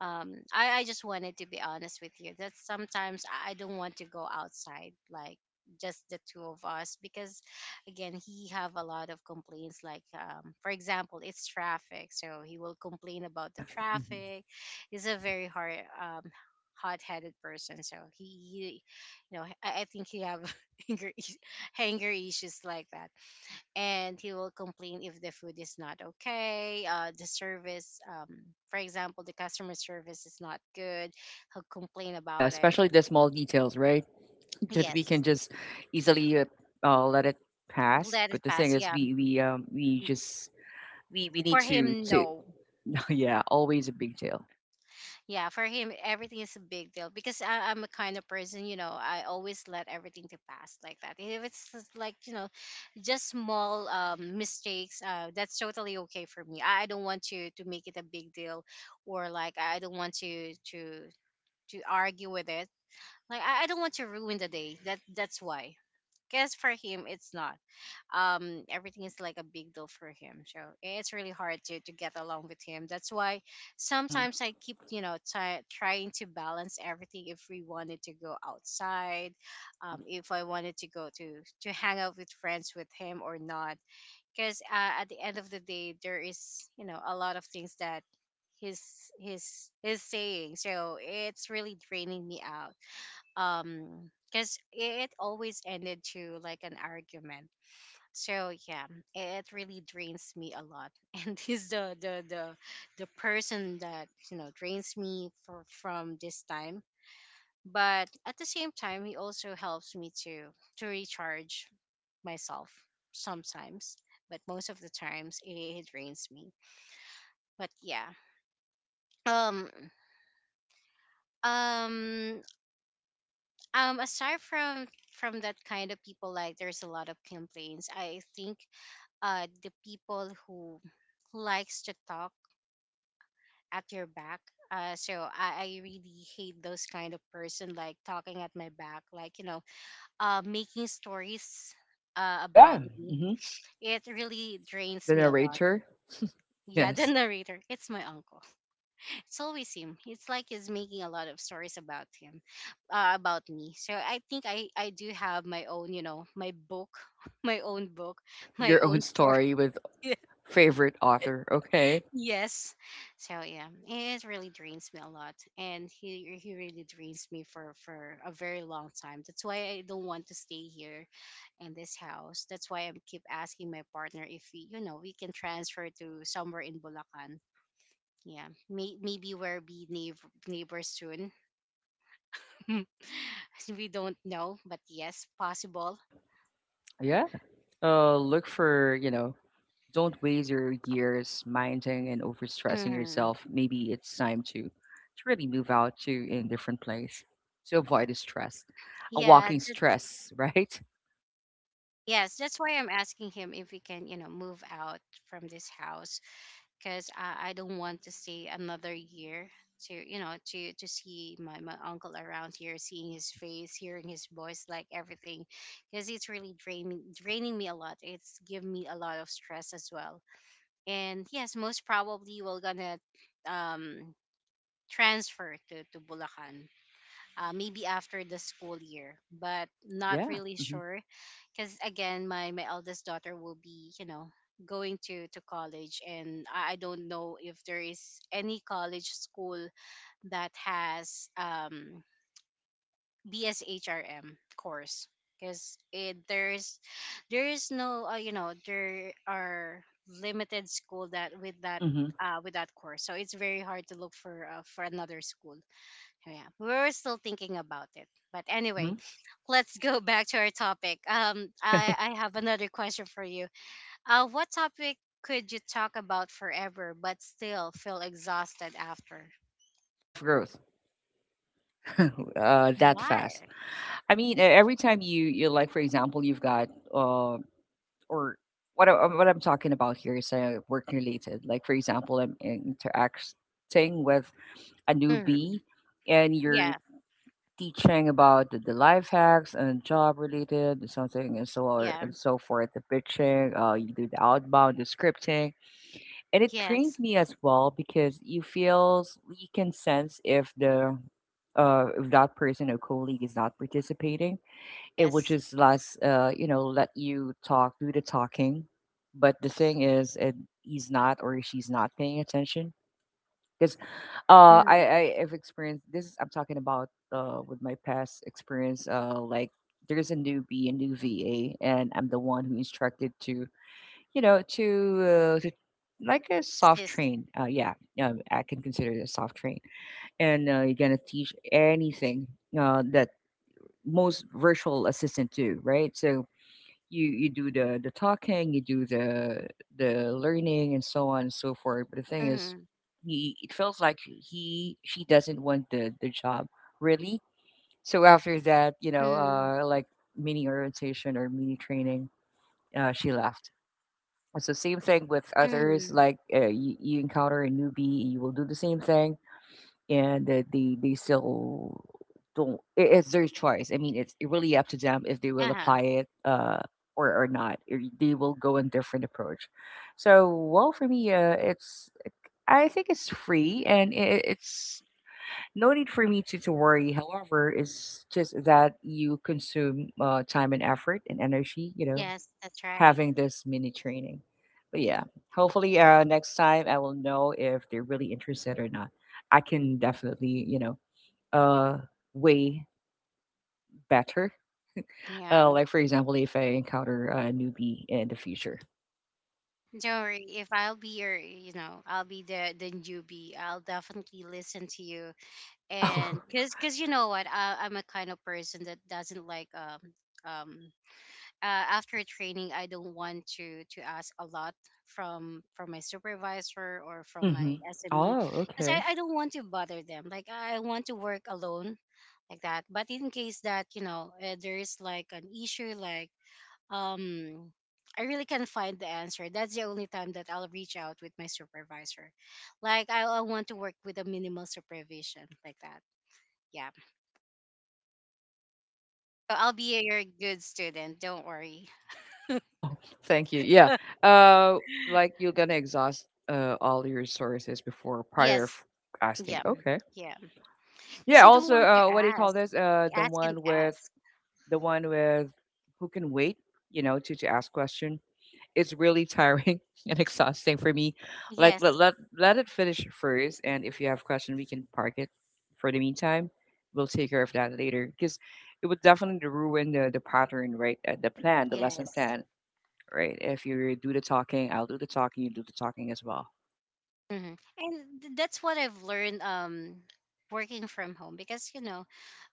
S1: um, I just wanted to be honest with you that sometimes I don't want to go outside, like just the two of us. Because again, he have a lot of complaints, like for example, it's traffic, so he will complain about the
S2: Yeah,
S1: traffic. He's a very hard hot-headed person, so he you know, I think he have anger is- anger issues, like that. And he will complain if the food is not okay, the service for example, the customer service is not good, he'll complain
S2: yeah.
S1: about it.
S2: Especially the small details, right? That we can
S1: Yes.
S2: just easily let it pass.
S1: Let it
S2: But the thing
S1: pass,
S2: is,
S1: yeah.
S2: we just we need
S1: For him,
S2: to
S1: no.
S2: yeah, always a big deal.
S1: Yeah, for him, everything is a big deal. Because I'm a kind of person, you know, I always let everything to pass, like that. If it's just like, you know, just small mistakes, that's totally okay for me. I don't want to make it a big deal, or like I don't want to to argue with it. Like I don't want to ruin the day. That that's why. Because for him, it's not. Everything is like a big deal for him. So it's really hard to get along with him. That's why
S2: Hmm.
S1: sometimes I keep, you know, try, trying to balance everything. If we wanted to go outside,
S2: Hmm.
S1: if I wanted to go to hang out with friends with him or not. Because at the end of the day, there is, you know, a lot of things that he's saying. So it's really draining me out, because it always ended to like an argument, so yeah, it really drains me a lot. And he's the person that, you know, drains me for, from this time, but at the same time he also helps me to recharge myself sometimes, but most of the times it drains me, but yeah. um um Aside from that kind of people, like there's a lot of complaints, I think, the people who likes to talk at your back. So I really hate those kind of person, like talking at my back, like, you know, making stories about
S2: Yeah.
S1: me.
S2: Hmm.
S1: It really drains
S2: The
S1: me a lot.
S2: narrator,
S1: Yeah. The
S2: yes,
S1: narrator, it's my uncle. It's always him. It's like he's making a lot of stories about him, about me. So I think I do have my own, you know, my book, my own book, my
S2: your own
S1: own story.
S2: story with favorite author. Okay.
S1: Yes. So yeah, it really drains me a lot, and he really drains me for a very long time. That's why I don't want to stay here in this house. That's why I keep asking my partner if we, you know, we can transfer to somewhere in Bulacan. Yeah, maybe we'll be neighbors soon. Hmm. We don't know, but yes, possible.
S2: Huh. Yeah. Look for, you know, don't waste your years minding and overstressing
S1: Hmm.
S2: yourself. Maybe it's time to really move out to a different place to avoid the stress. A
S1: Yeah,
S2: walking stress, right?
S1: yes, that's why I'm asking him if we can, you know, move out from this house, because I don't want to stay another year to, you know, to see my, my uncle around here, seeing his face, hearing his voice, like everything, because it's really draining me a lot. It's given me a lot of stress as well. And yes, most probably we're gonna um transfer to Bulacan, maybe after the school year, but not
S2: Yeah.
S1: really
S2: Hmm.
S1: sure. Because again, my eldest daughter will be, you know, going to college, and I don't know if there is any college school that has BSHRM course. Because it there is no, you know, there are limited school that with that,
S2: Hmm.
S1: with that course, so it's very hard to look for another school. Yeah, we're still thinking about it, but
S2: Hmm.
S1: anyway. Let's go back to our topic. I
S2: Okay.
S1: i have another question for you. What topic could you talk about forever but still feel exhausted after?
S2: Self growth, that fast.
S1: Why?
S2: I mean, every time you, you like, for example, you've got or what I, what I'm talking about here is work related. Like for example, I'm interacting with a
S1: Mm,
S2: newbie, and you're
S1: yeah,
S2: teaching about the life hacks and job related something and so on
S1: yeah,
S2: and so forth. The pitching, you do the outbound, the scripting, and it
S1: yes,
S2: trains me as well because you feels you can sense if the if that person or colleague is not participating. It would
S1: yes.
S2: just last you know let you talk, do the talking, but the thing is he's not or she's not paying attention because uh
S1: Mm,
S2: i i have experienced this is I'm talking about with my past experience, like there's a newbie, a new VA, and I'm the one who instructed to you know to like a soft
S1: yes.
S2: train. Yeah, I can consider it a soft train. And you're gonna teach anything that most virtual assistant do, right? So you do the talking, you do the learning and so on and so forth. But the thing is,
S1: Mm,
S2: he it feels like he she doesn't want the job really. So after that, you know,
S1: mm,
S2: like mini orientation or mini training, she left. And so same thing with others.
S1: mm,
S2: Like you, you encounter a newbie, you will do the same thing and they still don't it's their choice. I mean it's really up to them if they will
S1: uh-huh.
S2: apply it or not. Or they will go a different approach. So well, for me, it's, I think it's free and it's no need for me to worry. However, it's just that you consume time and effort and energy, you know,
S1: Yes, that's right.
S2: having this mini training. But yeah, hopefully next time I will know if they're really interested or not. I can definitely, you know, uh, way better.
S1: Yeah,
S2: Like for example, if I encounter a newbie in the future.
S1: don't worry, if I'll be your, you know, I'll be the newbie, I'll definitely listen to you. And because you know what, I'm a kind of person that doesn't like um after training. I don't want to ask a lot from my supervisor or from
S2: Oh, hmm,
S1: my SME,
S2: oh,
S1: because
S2: okay.
S1: I don't want to bother them, like I want to work alone, like that. But in case that, you know, there is like an issue, like, um I really can not find the answer, that's the only time that I'll reach out with my supervisor. Like I want to work with a minimal supervision, like that. Yeah. So I'll be your good student. Don't worry.
S2: Oh, thank you. Yeah. Uh, like you're gonna exhaust all your resources before prior
S1: Yes.
S2: asking.
S1: Yeah.
S2: Okay.
S1: Yeah.
S2: Yeah.
S1: Because I don't
S2: Also,
S1: want to
S2: what do you call
S1: ask,
S2: this?
S1: ask and ask.
S2: The one with who can wait. You know, to ask question. It's really tiring and exhausting for me. Like let
S1: Yes.
S2: let let it finish first, and if you have question, we can park it. For the meantime, we'll take care of that later because it would definitely ruin the pattern, right? The plan, the lesson
S1: Yes.
S2: plan, right? If you do the talking, I'll do the talking. You do the talking as well.
S1: Hmm. And that's what I've learned, working from home, because, you know,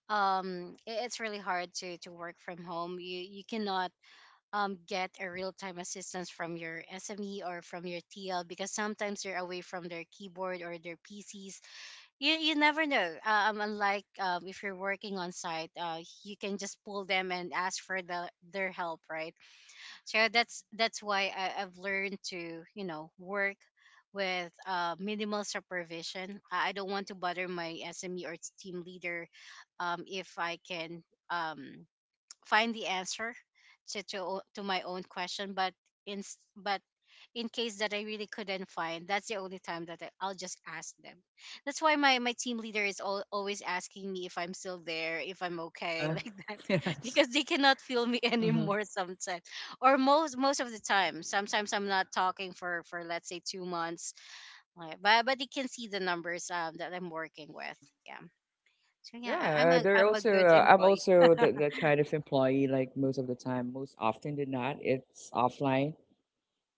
S1: it's really hard to work from home. You cannot get a real time assistance from your SME or from your TL, because sometimes they're away from their keyboard or their PCs. You never know. Unlike if you're working on site, you can just pull them and ask for the their help, right? So that's why I've learned to, you know, work with minimal supervision. I don't want to bother my SME or its team leader, if I can. Um, Find the answer to my own question, but in case that I really couldn't find, that's the only time that I'll just ask them. That's why my, my team leader is al always asking me if I'm still there, if I'm
S2: Uh
S1: okay,
S2: huh.
S1: like that,
S2: Yes.
S1: because they cannot feel me
S2: Mm-hmm.
S1: anymore sometimes, or most of the time. Sometimes I'm not talking for, let's say, 2 months, like, but they can see the numbers, that I'm working with. Yeah. So yeah,
S2: Yeah, they're
S1: I'm a
S2: also.
S1: good
S2: I'm
S1: employee.
S2: also that that kind of employee. Like most of the time, most often than not, it's offline.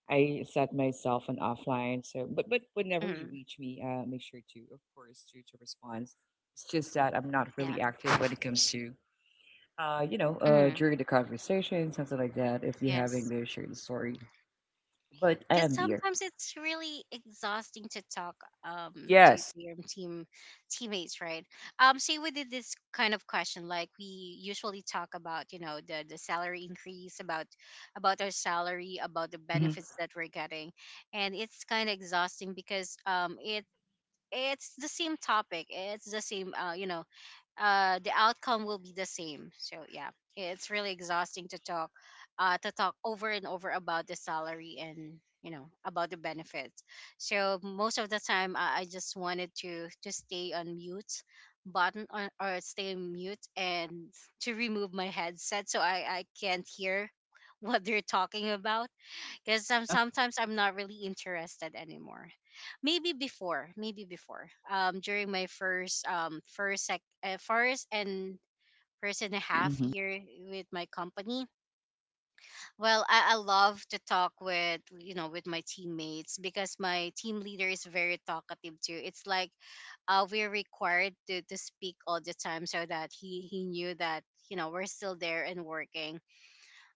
S2: I set myself on offline. So, but whenever you
S1: Mm,
S2: reach me, make sure to, of course, to respond. It's just that I'm not
S1: yeah.
S2: really active when it comes to, you know,
S1: Mm.
S2: during the conversation, something like that. If you're having
S1: Yes.
S2: the share the story,
S1: Yeah.
S2: but I
S1: Because
S2: am here.
S1: sometimes it's really exhausting to talk to
S2: Yes.
S1: your teammates, right? Say we did this kind of question, like we usually talk about, you know, the salary increase, about our salary, about the
S2: Mm-hmm.
S1: benefits that we're getting, and it's kind of exhausting because it's the same topic, it's the same, you know, the outcome will be the same. So yeah, it's really exhausting to talk over and over about the salary and, you know, about the benefits. So most of the time, I just wanted to stay on mute button on or stay on mute and to remove my headset so I can't hear what they're talking about, because
S2: Uh huh.
S1: sometimes I'm not really interested anymore. Maybe before, during my first, first and first and a half
S2: Mm-hmm.
S1: year with my company. Well, I love to talk with, you know, with my teammates, because my team leader is very talkative too. It's like, we're required to speak all the time, so that he knew that, you know, we're still there and working.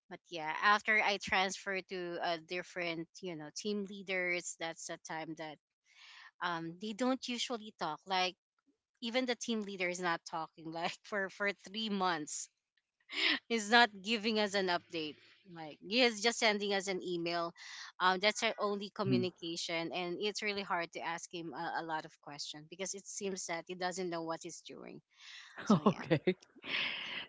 S1: But yeah, after I transferred to a different, you know, team leaders, that's the time that they don't usually talk. Like even the team leader is not talking like for 3 months. He's not giving us an update. Like he is just sending us an email. Um, that's our only
S2: Mm-hmm.
S1: communication and it's really hard to ask him a lot of questions, because it seems that he doesn't know what he's doing. So yeah.
S2: Okay.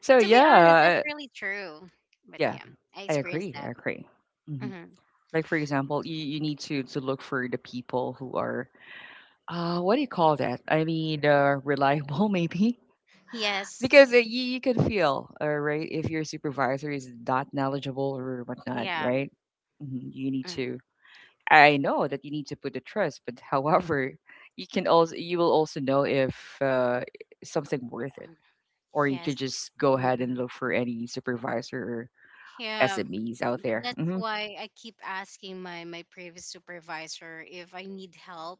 S2: So
S1: To be honest, that's
S2: yeah,
S1: really true. But
S2: yeah,
S1: yeah, I
S2: I
S1: experienced
S2: agree, I
S1: that.
S2: agree. Mhm.
S1: Hmm.
S2: Like, for example, you need to look for the people who are, what do you call that? I mean, reliable maybe?
S1: Yes.
S2: Because, you you can feel, right, if your supervisor is not knowledgeable or whatnot,
S1: Yeah.
S2: right? Mhm. You need
S1: Mm,
S2: to, I know that you need to put the trust, but however, you will also know if, something
S1: uh,
S2: worth it,
S1: uh,
S2: or you could
S1: Yes.
S2: just go ahead and
S1: Mm-mm.
S2: look for any supervisor or
S1: Yeah,
S2: SMEs out there.
S1: that's
S2: Mhm.
S1: why I keep asking my my previous supervisor if I need help.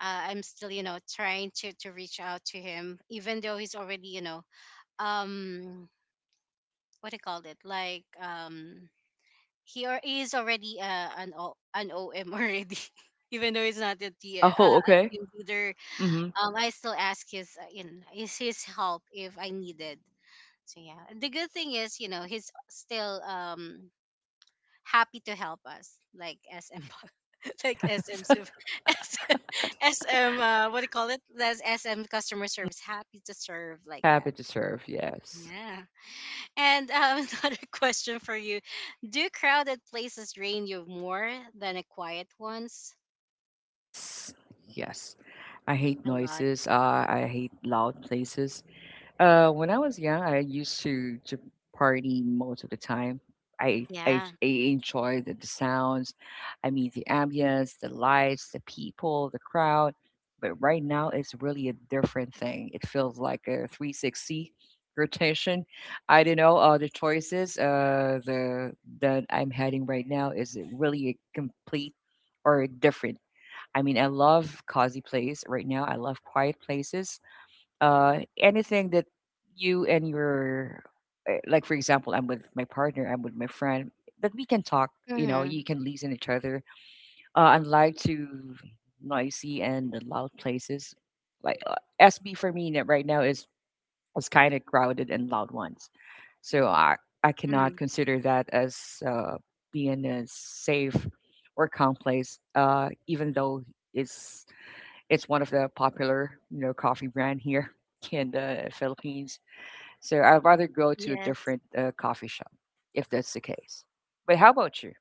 S1: I'm still, you know, trying to reach out to him, even though he's already, you know, um, what I called it? Like, he is already an OM already. Even though he's not a
S2: Oh,
S1: a
S2: okay.
S1: team leader,
S2: Mhm.
S1: I still ask his, is his help if I needed. So yeah, and the good thing is, you know, he's still happy to help us, like SM, like SM,
S2: Yes.
S1: sup- SM, what do you call it? That's SM customer service, happy to serve like that.
S2: Happy to serve, yes.
S1: Yeah. And another question for you: do crowded places drain you more than a quiet ones?
S2: Yes. Yes. I hate
S1: A lot.
S2: noises. I hate loud places. When I was young, I used to party most of the time.
S1: Yeah.
S2: I enjoy the sounds. I mean, the ambience, the lights, the people, the crowd. But right now, it's really a different thing. It feels like a 360 rotation. I don't know. The choices the that I'm heading right now is really a complete or different. I mean, I love cozy place right now. I love quiet places anything that you and your like for example I'm with my partner, I'm with my friend that we can talk, you know,
S1: Mm-hmm.
S2: you can listen each other, unlike to noisy and loud places like SB for me right now is kind of crowded and loud ones. So I
S1: Hmm.
S2: cannot consider that as being a safe or calm place, uh, even though it's it's one of the popular, you know, coffee brand here in the Philippines. So I'd rather go to a
S1: Yes.
S2: different coffee shop if that's the case. But how about you?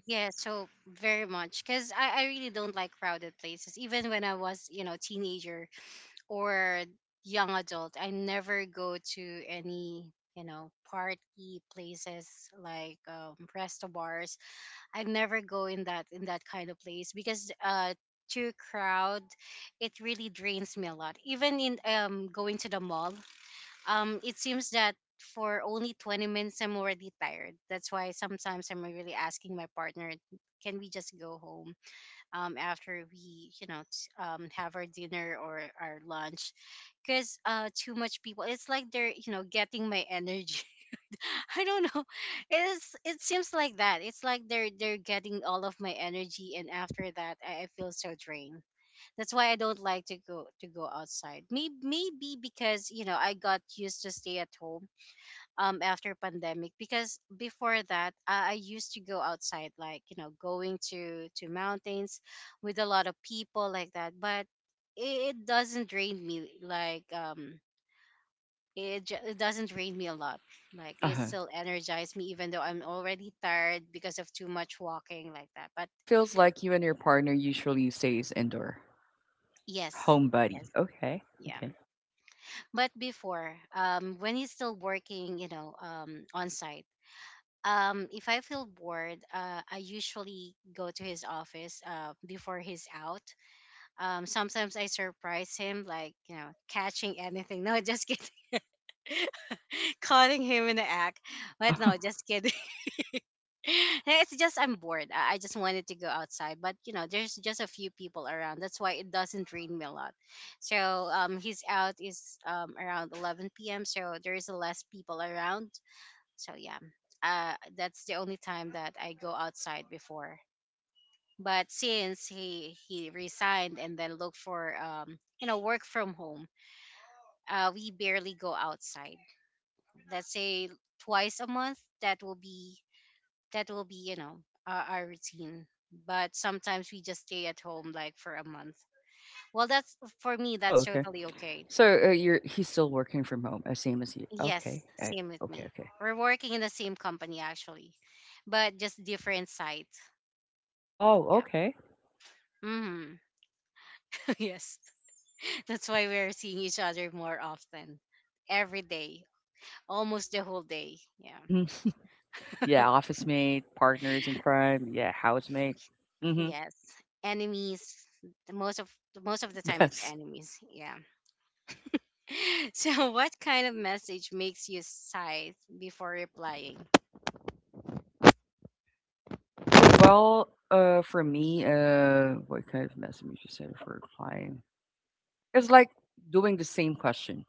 S1: Yeah, so very much, because I really don't like crowded places. Even when I was, you know, teenager or young adult, I never go to any, you know, party places like, resto bars. I never go in that kind of place, because too crowd, it really drains me a lot. Even in, going to the mall, it seems that for only 20 minutes I'm already tired. That's why sometimes I'm really asking my partner, can we just go home after we, you know, have our dinner or our lunch, because too much people, it's like they're, you know, getting my energy. I don't know, it seems like that, it's like they're getting all of my energy, and after that I feel so drained. That's why I don't like to go outside. Maybe, maybe because, you know, I got used to stay at home after pandemic. Because before that, I used to go outside, like, you know, going to mountains with a lot of people, like that. But it doesn't drain me like, it doesn't drain me a lot. Like it
S2: Uh-huh.
S1: still energizes me even though I'm already tired because of too much walking, like that. But
S2: So it feels like you and your partner usually stays indoor.
S1: yes,
S2: Home
S1: yes,
S2: buddy. Okay.
S1: yeah.
S2: Okay.
S1: But before, when he's still working, you know, on site, if I feel bored, I usually go to his office before he's out. Sometimes I surprise him, like, you know, catching anything. No, just kidding. Calling him in the act.
S2: Uh-huh.
S1: But no, just kidding. It's just I'm bored. I just wanted to go outside. But, you know, there's just a few people around. That's why it doesn't rain me a lot. So his out is around 11 p.m. So there is less people around. So yeah, that's the only time that I go outside before. But since he resigned and then looked for you know work from home, we barely go outside. Let's say 2 times a month. That will be that will be, you know, our routine. But sometimes we just stay at home like for a month. Well, that's for me.
S2: Oh,
S1: That's
S2: okay.
S1: totally okay.
S2: So you're he's still working from home, same as you. Okay.
S1: Yes, same with
S2: Okay.
S1: me.
S2: Okay.
S1: We're working in the same company actually, but just different site.
S2: Oh,
S1: Yeah.
S2: okay.
S1: Mm-hmm. Yes. That's why we're seeing each other more often. Every day. Almost the whole day. Yeah.
S2: Mm-hmm. Yeah. Office mate, partners in crime. Yeah. Housemate. Mm-hmm.
S1: Yes. Enemies. The most of Most of the time it's
S2: Yes.
S1: enemies. Yeah. So what kind of message makes you sigh before replying?
S2: Well, for me, what kind of message you send for replying? It's like doing the same question.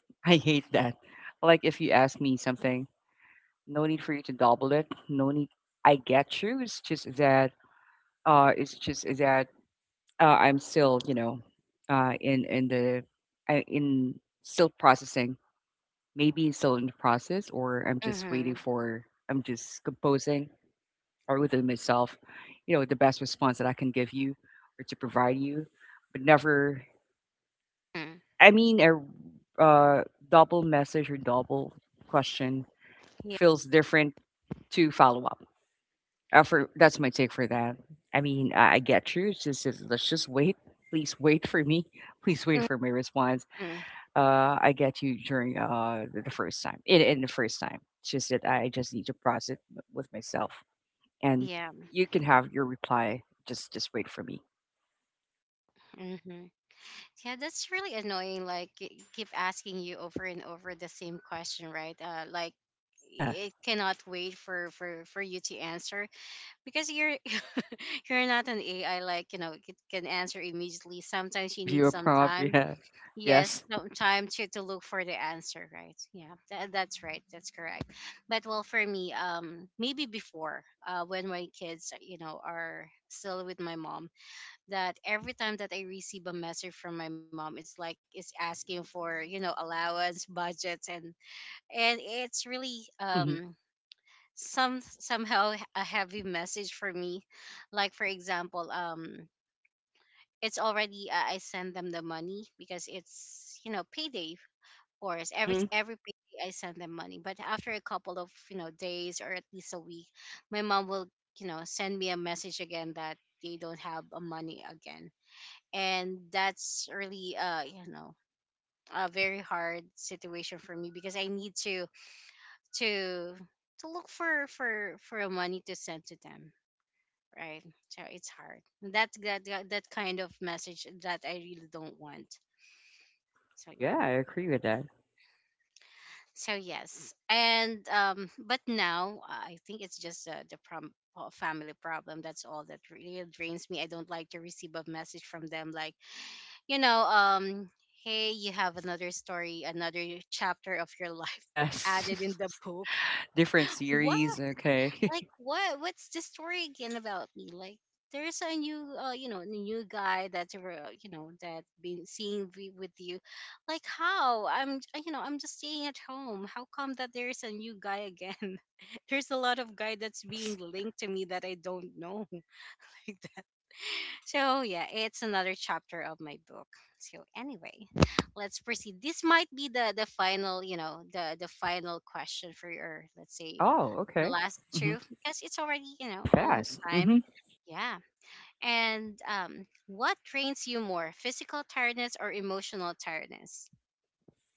S2: I hate that. Like if you ask me something, no need for you to double it. No need. I get you. It's just that. It's just that. I'm still, you know, in the, I in still processing. Maybe still in the process, or I'm just waiting
S1: Mm-hmm.
S2: for. I'm just composing or within myself, you know, the best response that I can give you or to provide you, but never,
S1: Mm-hmm.
S2: I mean, a double message or double question
S1: Yeah.
S2: feels different to follow up. For, that's my take for that. I mean, I get you. It's, let's just wait. Please wait for me. Please wait for my response.
S1: Mm,
S2: I get you during the first time, in the first time. It's just that I just need to process it with myself. And
S1: yeah.
S2: you can have your reply. Just wait for me.
S1: Hmm. Yeah, that's really annoying. Like, it keep asking you over and over the same question, right? Like,
S2: Yeah,
S1: it cannot wait for you to answer because you're not an AI, like, you know, it can answer immediately.
S2: and
S1: Sometimes you
S2: give
S1: need
S2: you a
S1: some
S2: prompt,
S1: time.
S2: yeah.
S1: Yes,
S2: Yes.
S1: some time to look for the answer, right? Yeah, that's right. That's correct. But well, for me, maybe before, when my kids, you know, are still with my mom, that every time that I receive a message from my mom, it's like it's asking for, you know, allowance, budgets, and it's really
S2: Mhm,
S1: some somehow a heavy message for me, like for example, it's already, I send them the money because it's, you know, payday. Of course
S2: mhm.
S1: every payday I send them money, but after a couple of, you know, days or at least a week, my mom will, you know, send me a message again that they don't have, money again. And that's really, you know, a very hard situation for me because I need to to look for a money to send to them, right? So it's hard, that kind of message that I really don't want. So yeah,
S2: Yeah, I agree with that.
S1: so yes. And but now, I think it's just, family problem, that's all that really drains me. I don't like to receive a message from them, like, you know, hey, you have another story, another chapter of your life, added in
S2: Yes.
S1: the book.
S2: Different
S1: Why?
S2: series, okay.
S1: Like, what what's the story again about me? Like, there's a new, you know, new guy that you were, you know, that been with you. Like, how I'm, you know, I'm just staying at home. How come that there's a new guy again? There's a lot of guy that's being
S2: Yes.
S1: linked to me that I don't know. Like that. So yeah, it's another chapter of my book. So anyway, let's proceed. This might be the final, you know, the final question for your, let's say,
S2: Oh,
S1: the
S2: okay.
S1: last two,
S2: Mhm.
S1: because it's already, you
S2: Very
S1: know, almost
S2: fast.
S1: time.
S2: Mhm.
S1: Yeah. And what drains you more, physical tiredness or emotional tiredness?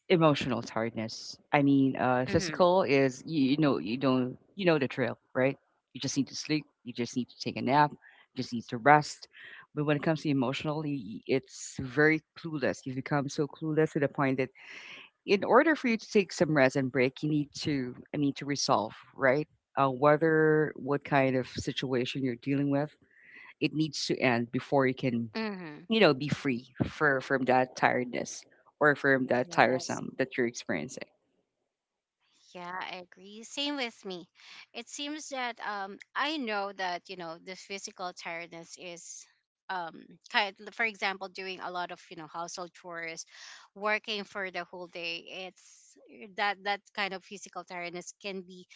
S2: Emotional tiredness. I mean,
S1: Mm-hmm.
S2: physical is you know you don't you know the trail, right? You just need to sleep. You just need to take a nap. You just need to rest. But when it comes to emotional, it's very clueless. You become so clueless to the point that in order for you to take some rest and break, you need to, I mean, to resolve, right? Whether what kind of situation you're dealing with, it needs to end before you can,
S1: Mm-hmm.
S2: you know, be free for from that tiredness or from that
S1: Yes.
S2: tiresome that you're experiencing.
S1: Yeah, I agree. Same with me. It seems that I know that, you know, the physical tiredness is um kind for example doing a lot of, you know, household chores, working for the whole day. It's eh, that that kind of physical tiredness can be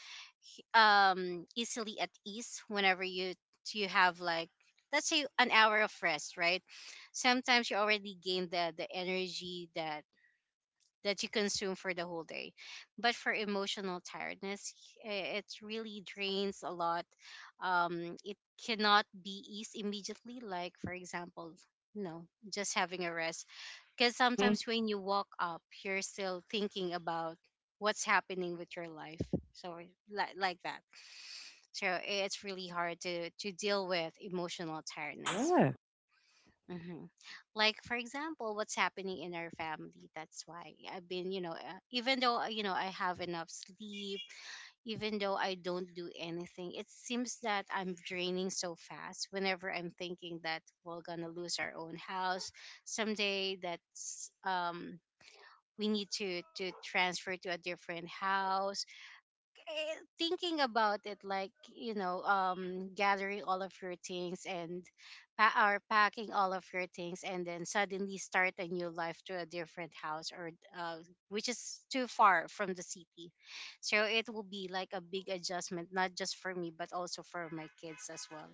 S1: easily at ease whenever you you have like, let's say, an hour of rest, right? Sometimes you already gain the energy that that you consume for the whole day. But for emotional tiredness, eh, it really drains a lot. It cannot be eased immediately. Like for example, you know, just having a rest. Because
S2: Mm-hmm.
S1: sometimes when you walk up, you're still thinking about what's happening with your life. So like that. So it's really hard to deal with emotional tiredness.
S2: Yeah,
S1: Mm-hmm. Like for example, what's happening in our family. That's why I've been, you know, even though, you know, I have enough sleep, even though I don't do anything, it seems that I'm draining so fast. Whenever I'm thinking that we're gonna lose our own house someday, that's we need to transfer to a different house, eh, thinking about it like, you know, gathering all of your things, and or packing all of your things, and then suddenly start a new life to a different house, or uh, which is too far from the city. So it will be like a big adjustment, not just for me but also for my kids as well.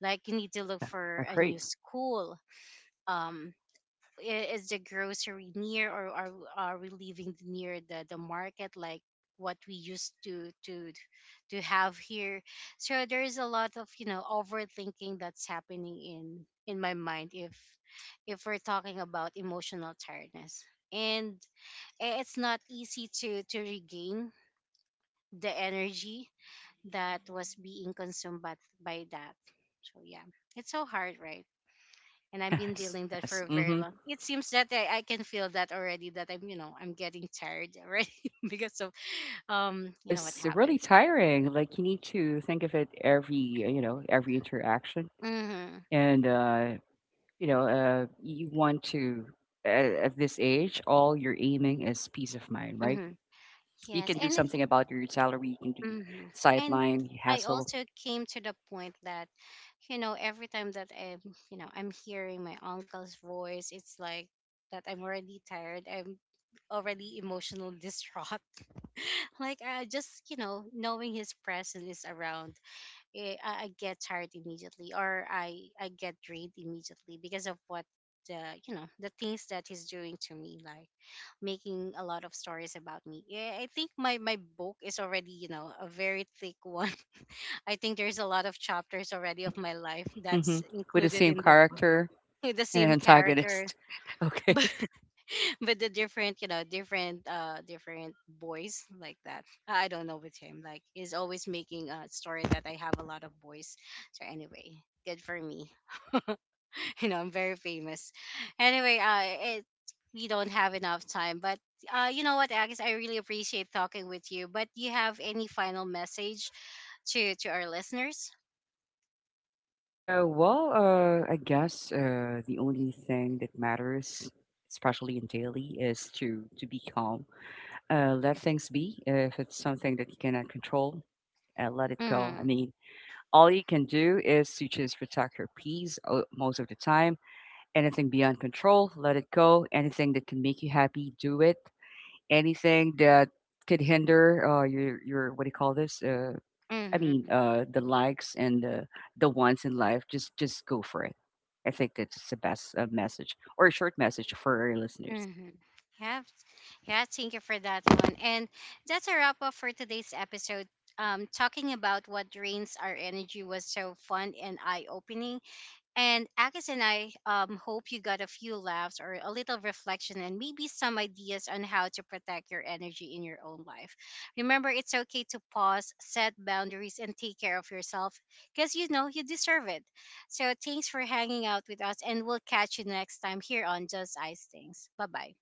S1: Like, you need to look
S2: yeah,
S1: for a new
S2: agree.
S1: school, um is the grocery near, or are we living near the market, like what we used to have here? So there is a lot of, you know, overthinking that's happening in my mind. If we're talking about emotional tiredness, and it's not easy to regain the energy that was being consumed by that. So yeah, it's so hard, right? And I've been
S2: Yes,
S1: dealing that for
S2: yes.
S1: a very
S2: Mm-hmm.
S1: long. It seems that I can feel that already, that I'm, you know, I'm getting tired already because of you know what
S2: Yes, really
S1: happened.
S2: tiring. Like you need to think of it every, you know, every interaction,
S1: Mhm.
S2: and you know, you want to at this age, all you're aiming is peace of mind, right?
S1: Mhm.
S2: You
S1: Yes,
S2: can do
S1: and it,
S2: something about your salary. You can do
S1: mhm. And
S2: sideline
S1: I
S2: hassle.
S1: also came to the point that, you know, every time that I'm, you know, I'm hearing my uncle's voice, it's like that I'm already tired. I'm already emotional distraught. Like I just, you know, knowing his presence is around, eh, I get tired immediately, or I get drained immediately because of what the, you know, the things that he's doing to me. Like, making a lot of stories about me, yeah, I think my my book is already, you know, a very thick one. I think there's a lot of chapters already
S2: Hmm.
S1: of my life
S2: Hmm.
S1: that's
S2: With the
S1: included
S2: same
S1: in the book.
S2: character
S1: With the
S2: and an
S1: same character.
S2: antagonist. Okay.
S1: But with the different, you know, different, different boys. Like that, I don't know with him, like he's always making a story that I have a lot of boys. So anyway, good for me. You know, I'm very famous. Anyway, it, we don't have enough time. But you know what, Agnes, I really appreciate talking with you, but you have any final message to our listeners?
S2: Well, I guess, the only thing that matters, especially in daily, is to be calm. Uh, let things be. If it's something that you cannot control, let it go. I
S1: Mm-hmm.
S2: mean, all you can do is to just protect your peace most of the time. Anything beyond control, let it go. Anything that can make you happy, do it. Anything that could hinder your what do you call this? I mean,
S1: Mm-hmm.
S2: the likes and the wants in life. Just go for it. I think that's the best message or a short message for our listeners.
S1: Mm-hmm. Yeah. Yeah, thank you for that one. And that's a wrap up for today's episode. Talking about what drains our energy was so fun and eye opening. And Akis and I hope you got a few laughs or a little reflection and maybe some ideas on how to protect your energy in your own life. Remember, it's okay to pause, set boundaries, and take care of yourself because you know you deserve it. So, thanks for hanging out with us, and we'll catch you next time here on Just Ice Things. Bye bye.